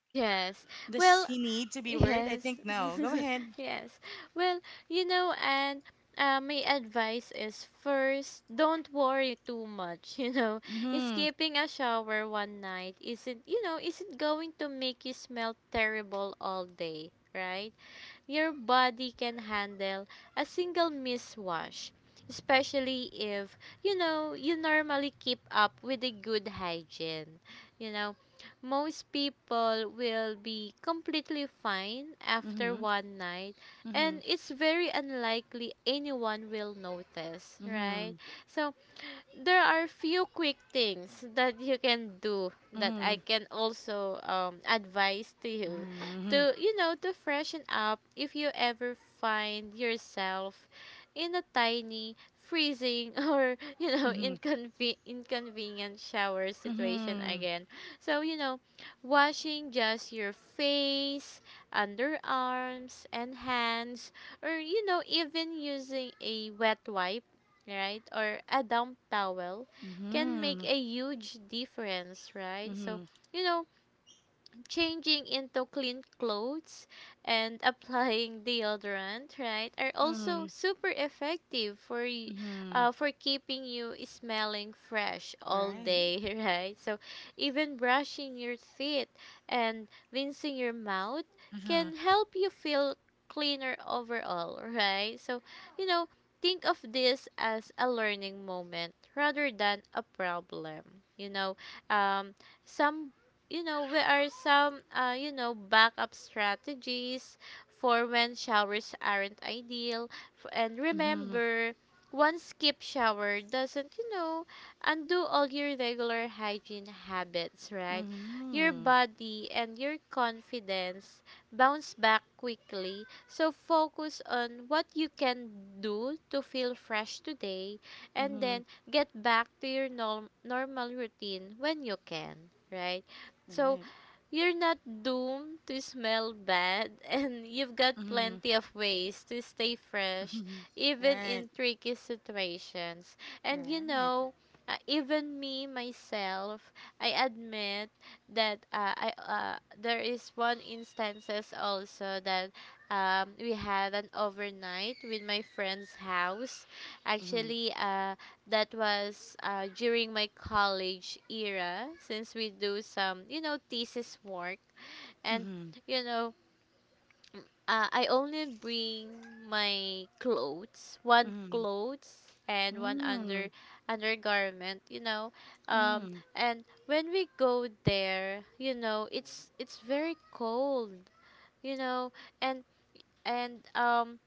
S2: Yes.
S1: Does
S2: Well,
S1: he need to be worried? I
S2: yes.
S1: think no. Go ahead.
S2: Yes. Well, you know, and uh, my advice is first, don't worry too much, you know.
S1: Mm-hmm.
S2: Escaping a shower one night isn't, you know, isn't going to make you smell terrible all day, right? Your body can handle a single miswash, especially if, you know, you normally keep up with a good hygiene. You know, Most people will be completely fine after
S1: Mm-hmm.
S2: one night,
S1: Mm-hmm.
S2: and it's very unlikely anyone will notice, right? So there are few quick things that you can do, that I
S1: Mm-hmm.
S2: can also um, advise to
S1: Mm-hmm.
S2: you,
S1: Mm-hmm.
S2: to you know to freshen up if you ever find yourself in a tiny, freezing or you know
S1: Mm-hmm.
S2: inconven- inconvenient shower situation
S1: Mm-hmm.
S2: again. So, you know washing just your face, underarms, and hands, or you know even using a wet wipe, right, or a damp towel can make
S1: Mm-hmm.
S2: a huge difference, right? So,
S1: Mm-hmm.
S2: you know, changing into clean clothes and applying deodorant, right, are also super effective for y-
S1: Mm-hmm.
S2: uh, for keeping you smelling fresh all
S1: Right.
S2: day, right? So even brushing your teeth and rinsing your mouth
S1: Mm-hmm.
S2: can help you feel cleaner overall, right? So, you know, think of this as a learning moment rather than a problem. You know, um, some you know, where are some, uh, you know, backup strategies for when showers aren't ideal. F- And
S1: Mm-hmm.
S2: remember, one skip shower doesn't, you know, undo all your regular hygiene habits, right? Your
S1: Mm-hmm.
S2: body and your confidence bounce back quickly. So focus on what you can do to feel fresh today and
S1: Mm-hmm.
S2: then get back to your norm- normal routine when you can, right? So
S1: Right.
S2: you're not doomed to smell bad, and you've got
S1: Mm-hmm.
S2: plenty of ways to stay fresh,
S1: Mm-hmm.
S2: even
S1: Right.
S2: in tricky situations. And you
S1: Right.
S2: know, uh, even me myself, I admit that uh, I uh, there is one instances also that um, we had an overnight with my friend's house.
S1: Mm-hmm.
S2: Actually, uh, that was uh, during my college era, since we do some you know thesis work, and
S1: Mm-hmm.
S2: you know uh, I only bring my clothes, one
S1: Mm-hmm.
S2: clothes and one under
S1: Mm-hmm.
S2: undergarment you know um
S1: Mm-hmm.
S2: and when we go there, you know, it's it's very cold, you know. And and um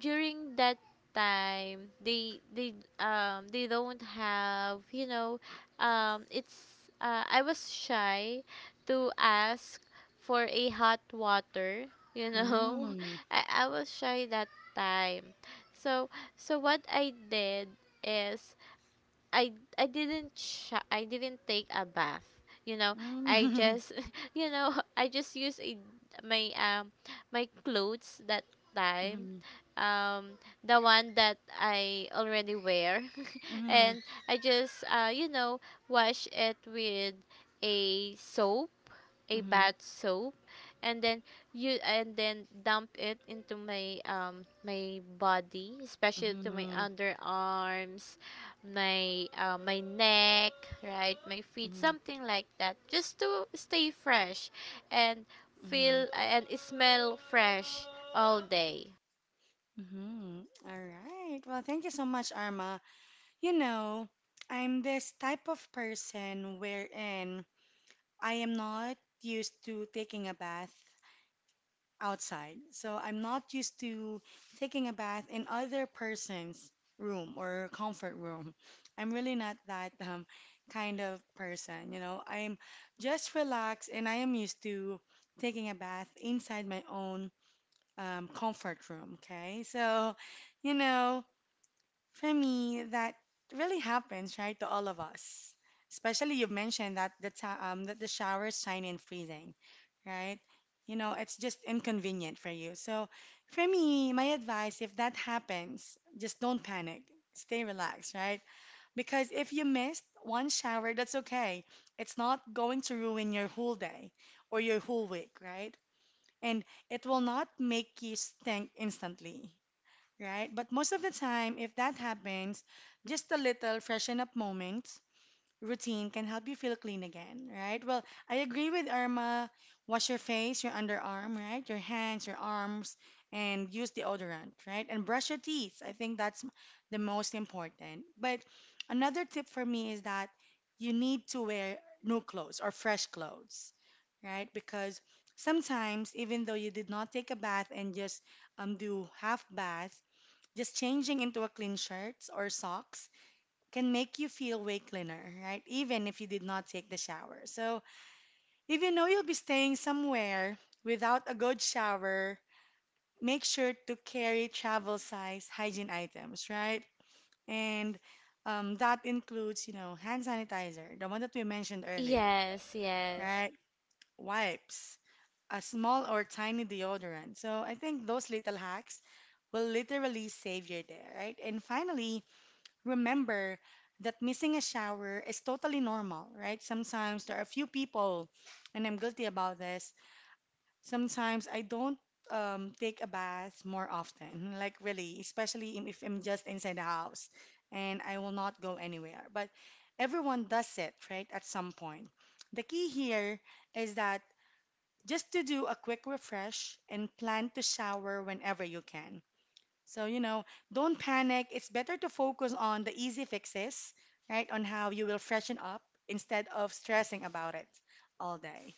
S2: during that time, they they um they don't have, you know, um it's uh, I was shy to ask for a hot water, you know.
S1: Mm-hmm.
S2: I, I was shy that time. So so what I did is, I I didn't sh- I didn't take a bath. You know,
S1: Mm-hmm.
S2: I
S1: Mm-hmm.
S2: just you know, I just used a, my um my clothes that
S1: Mm-hmm.
S2: time.
S1: Mm-hmm.
S2: Um the one that I already wear,
S1: Mm-hmm.
S2: and I just uh you know, wash it with a soap, a bath soap, and then you and then dump it into my um my body, especially to my underarms, my uh, my neck, right, my feet,
S1: Mm-hmm.
S2: something like that, just to stay fresh and feel and smell fresh all day.
S1: Mm-hmm. All right. Well, thank you so much, Arma. You know, I'm this type of person wherein I am not used to taking a bath outside. So I'm not used to taking a bath in other person's room or comfort room. I'm really not that um, kind of person, you know. I'm just relaxed and I am used to taking a bath inside my own um, comfort room, okay? So, you know, for me, that really happens, right, to all of us. Especially you mentioned that the ti- um that the shower is shiny and freezing, right? You know, it's just inconvenient for you. So, for me, my advice, if that happens, just don't panic. Stay relaxed, right? Because if you missed one shower, that's okay. It's not going to ruin your whole day or your whole week, right? And it will not make you stink instantly, right? But most of the time, if that happens, just a little freshen up moments routine can help you feel clean again, right? Well, I agree with Irma. Wash your face, your underarm, right? Your hands, your arms, and use deodorant, right? And brush your teeth. I think that's the most important. But another tip for me is that you need to wear new clothes or fresh clothes, right? Because sometimes, even though you did not take a bath and just um, do half bath, just changing into a clean shirt or socks can make you feel way cleaner, right? Even if you did not take the shower. So, if you know you'll be staying somewhere without a good shower, make sure to carry travel size hygiene items, right? And um, that includes, you know, hand sanitizer, the one that we mentioned earlier,
S2: Yes, yes.
S1: right? Wipes, a small or tiny deodorant. So, I think those little hacks will literally save your day, right? And finally, remember that missing a shower is totally normal, right? Sometimes there are few people, and I'm guilty about this. Sometimes I don't um, take a bath more often, like really, especially im- if I'm just inside the house and I will not go anywhere. But everyone does it, right, at some point. The key here is that just to do a quick refresh and plan to shower whenever you can. So, you know, don't panic. It's better to focus on the easy fixes, right? On how you will freshen up instead of stressing about it all day.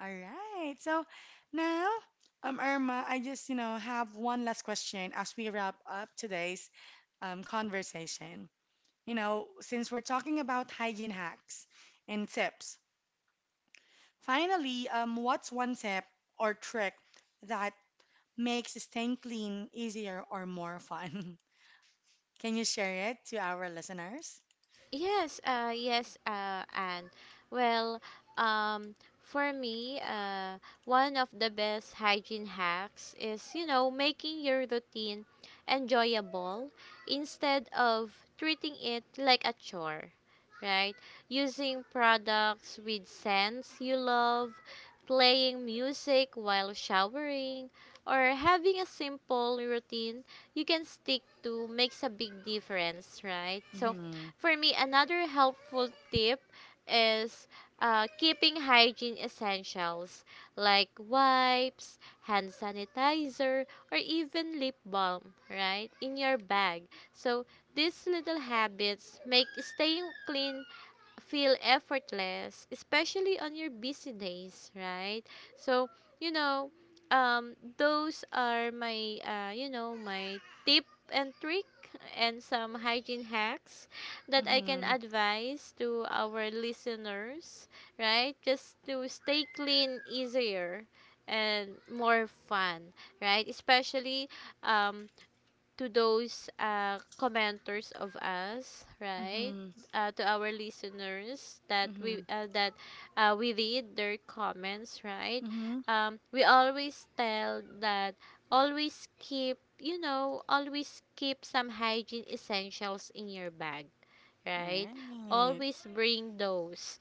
S1: All right. So now, um, Irma, I just, you know, have one last question as we wrap up today's um, conversation. You know, since we're talking about hygiene hacks and tips, finally, um, what's one tip or trick that makes staying clean easier or more fun? Can you share it to our listeners?
S2: Yes, uh, yes, uh, and well, um, for me, uh, one of the best hygiene hacks is, you know, making your routine enjoyable instead of treating it like a chore, right? Using products with scents you love, playing music while showering, or having a simple routine you can stick to makes a big difference, right? So,
S1: Mm-hmm.
S2: for me, another helpful tip is uh, keeping hygiene essentials like wipes, hand sanitizer, or even lip balm, right, in your bag. So these little habits make staying clean feel effortless, especially on your busy days, right? So, you know, um, those are my, uh, you know, my tip and trick and some hygiene hacks that I can
S1: Mm-hmm.
S2: advise to our listeners, right? Just to stay clean easier and more fun, right? Especially um, to those uh, commenters of us, right?
S1: Mm-hmm.
S2: Uh, to our listeners that
S1: Mm-hmm.
S2: we uh, that uh, we read their comments, right?
S1: Mm-hmm.
S2: Um, we always tell that always keep you know always keep some hygiene essentials in your bag, right?
S1: Right.
S2: Always bring those,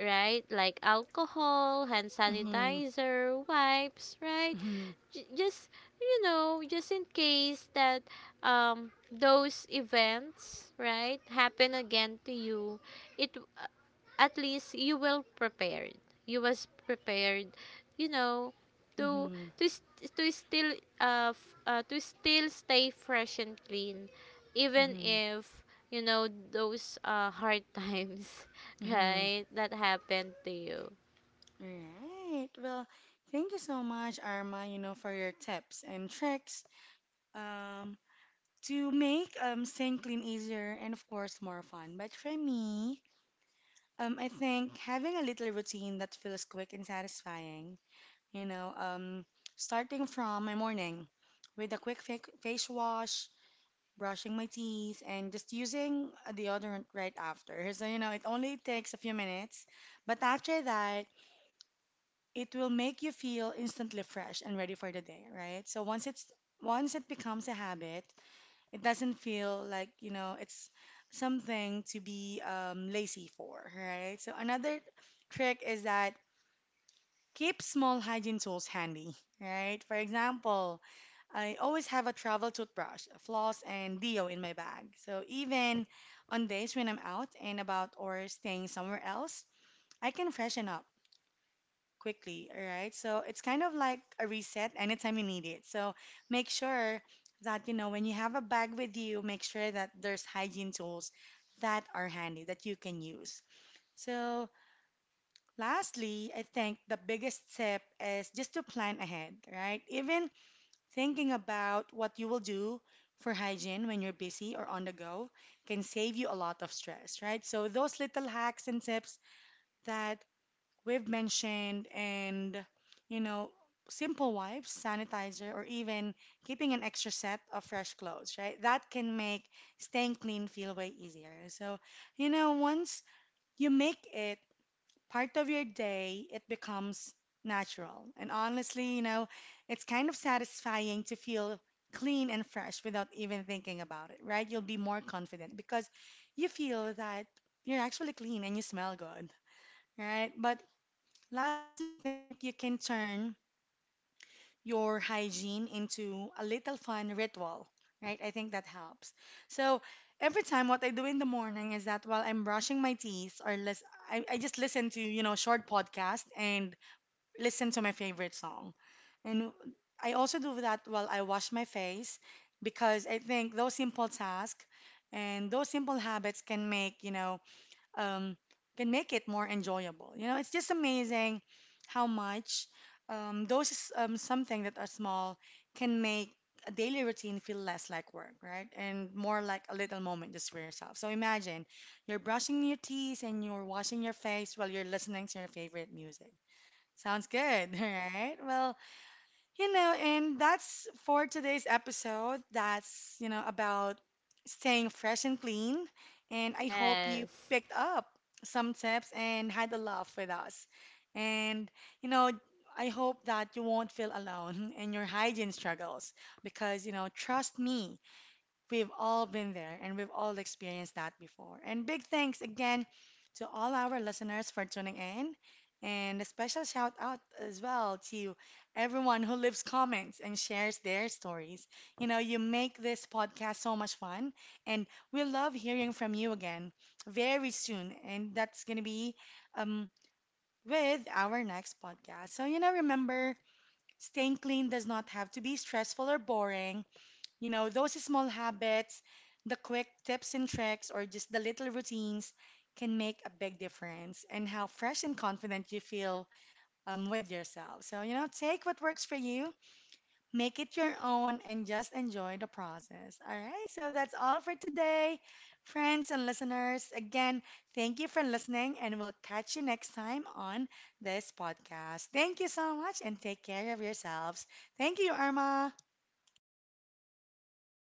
S2: right? Like alcohol, hand
S1: Mm-hmm.
S2: sanitizer, wipes, right?
S1: Mm-hmm.
S2: J- just, you know just in case that um those events, right, happen again to you, it uh, at least you will prepared. You was prepared, you know, to
S1: Mm-hmm.
S2: to st- to still uh, f- uh to still stay fresh and clean even
S1: Mm-hmm.
S2: if, you know, those uh hard times
S1: Mm-hmm.
S2: right that happened to you.
S1: Right. Well, thank you so much, Arma, you know, for your tips and tricks um, to make um, staying clean easier and, of course, more fun. But for me, um, I think having a little routine that feels quick and satisfying, you know, um, starting from my morning with a quick fa face wash, brushing my teeth, and just using a deodorant right after. So, you know, it only takes a few minutes, but after that, it will make you feel instantly fresh and ready for the day, right? So once it's once it becomes a habit, it doesn't feel like, you know, it's something to be um, lazy for, right? So another trick is that keep small hygiene tools handy, right? For example, I always have a travel toothbrush, a floss, and deo in my bag. So even on days when I'm out and about or staying somewhere else, I can freshen up quickly, all right? So it's kind of like a reset anytime you need it. So make sure that, you know, when you have a bag with you, make sure that there's hygiene tools that are handy that you can use. So lastly, I think the biggest tip is just to plan ahead, right? Even thinking about what you will do for hygiene when you're busy or on the go can save you a lot of stress, right? So those little hacks and tips that we've mentioned and, you know, simple wipes, sanitizer, or even keeping an extra set of fresh clothes, right? That can make staying clean feel way easier. So, you know, once you make it part of your day, it becomes natural. And honestly, you know, it's kind of satisfying to feel clean and fresh without even thinking about it, right? You'll be more confident because you feel that you're actually clean and you smell good, right? But lastly, I think you can turn your hygiene into a little fun ritual, right? I think that helps. So every time what I do in the morning is that while I'm brushing my teeth or lis- I, I just listen to, you know, short podcast and listen to my favorite song. And I also do that while I wash my face because I think those simple tasks and those simple habits can make, you know, um, can make it more enjoyable. You know, it's just amazing how much um, those is, um, something that are small can make a daily routine feel less like work, right? And more like a little moment just for yourself. So imagine you're brushing your teeth and you're washing your face while you're listening to your favorite music. Sounds good, all right? Well, you know, and that's for today's episode. That's, you know, about staying fresh and clean. And I hope you
S2: Yes.
S1: picked up some tips and had a laugh with us. And, you know, I hope that you won't feel alone in your hygiene struggles because, you know, trust me, we've all been there and we've all experienced that before. And big thanks again to all our listeners for tuning in. And a special shout out as well to everyone who leaves comments and shares their stories. You know, you make this podcast so much fun, and we love hearing from you again very soon. And that's going to be um, with our next podcast. So, you know, remember, staying clean does not have to be stressful or boring. You know, those small habits, the quick tips and tricks, or just the little routines can make a big difference in how fresh and confident you feel um, with yourself. So, you know, take what works for you, make it your own, and just enjoy the process. All right, so that's all for today, friends and listeners. Again, thank you for listening, and we'll catch you next time on this podcast. Thank you so much, and take care of yourselves. Thank you, Irma.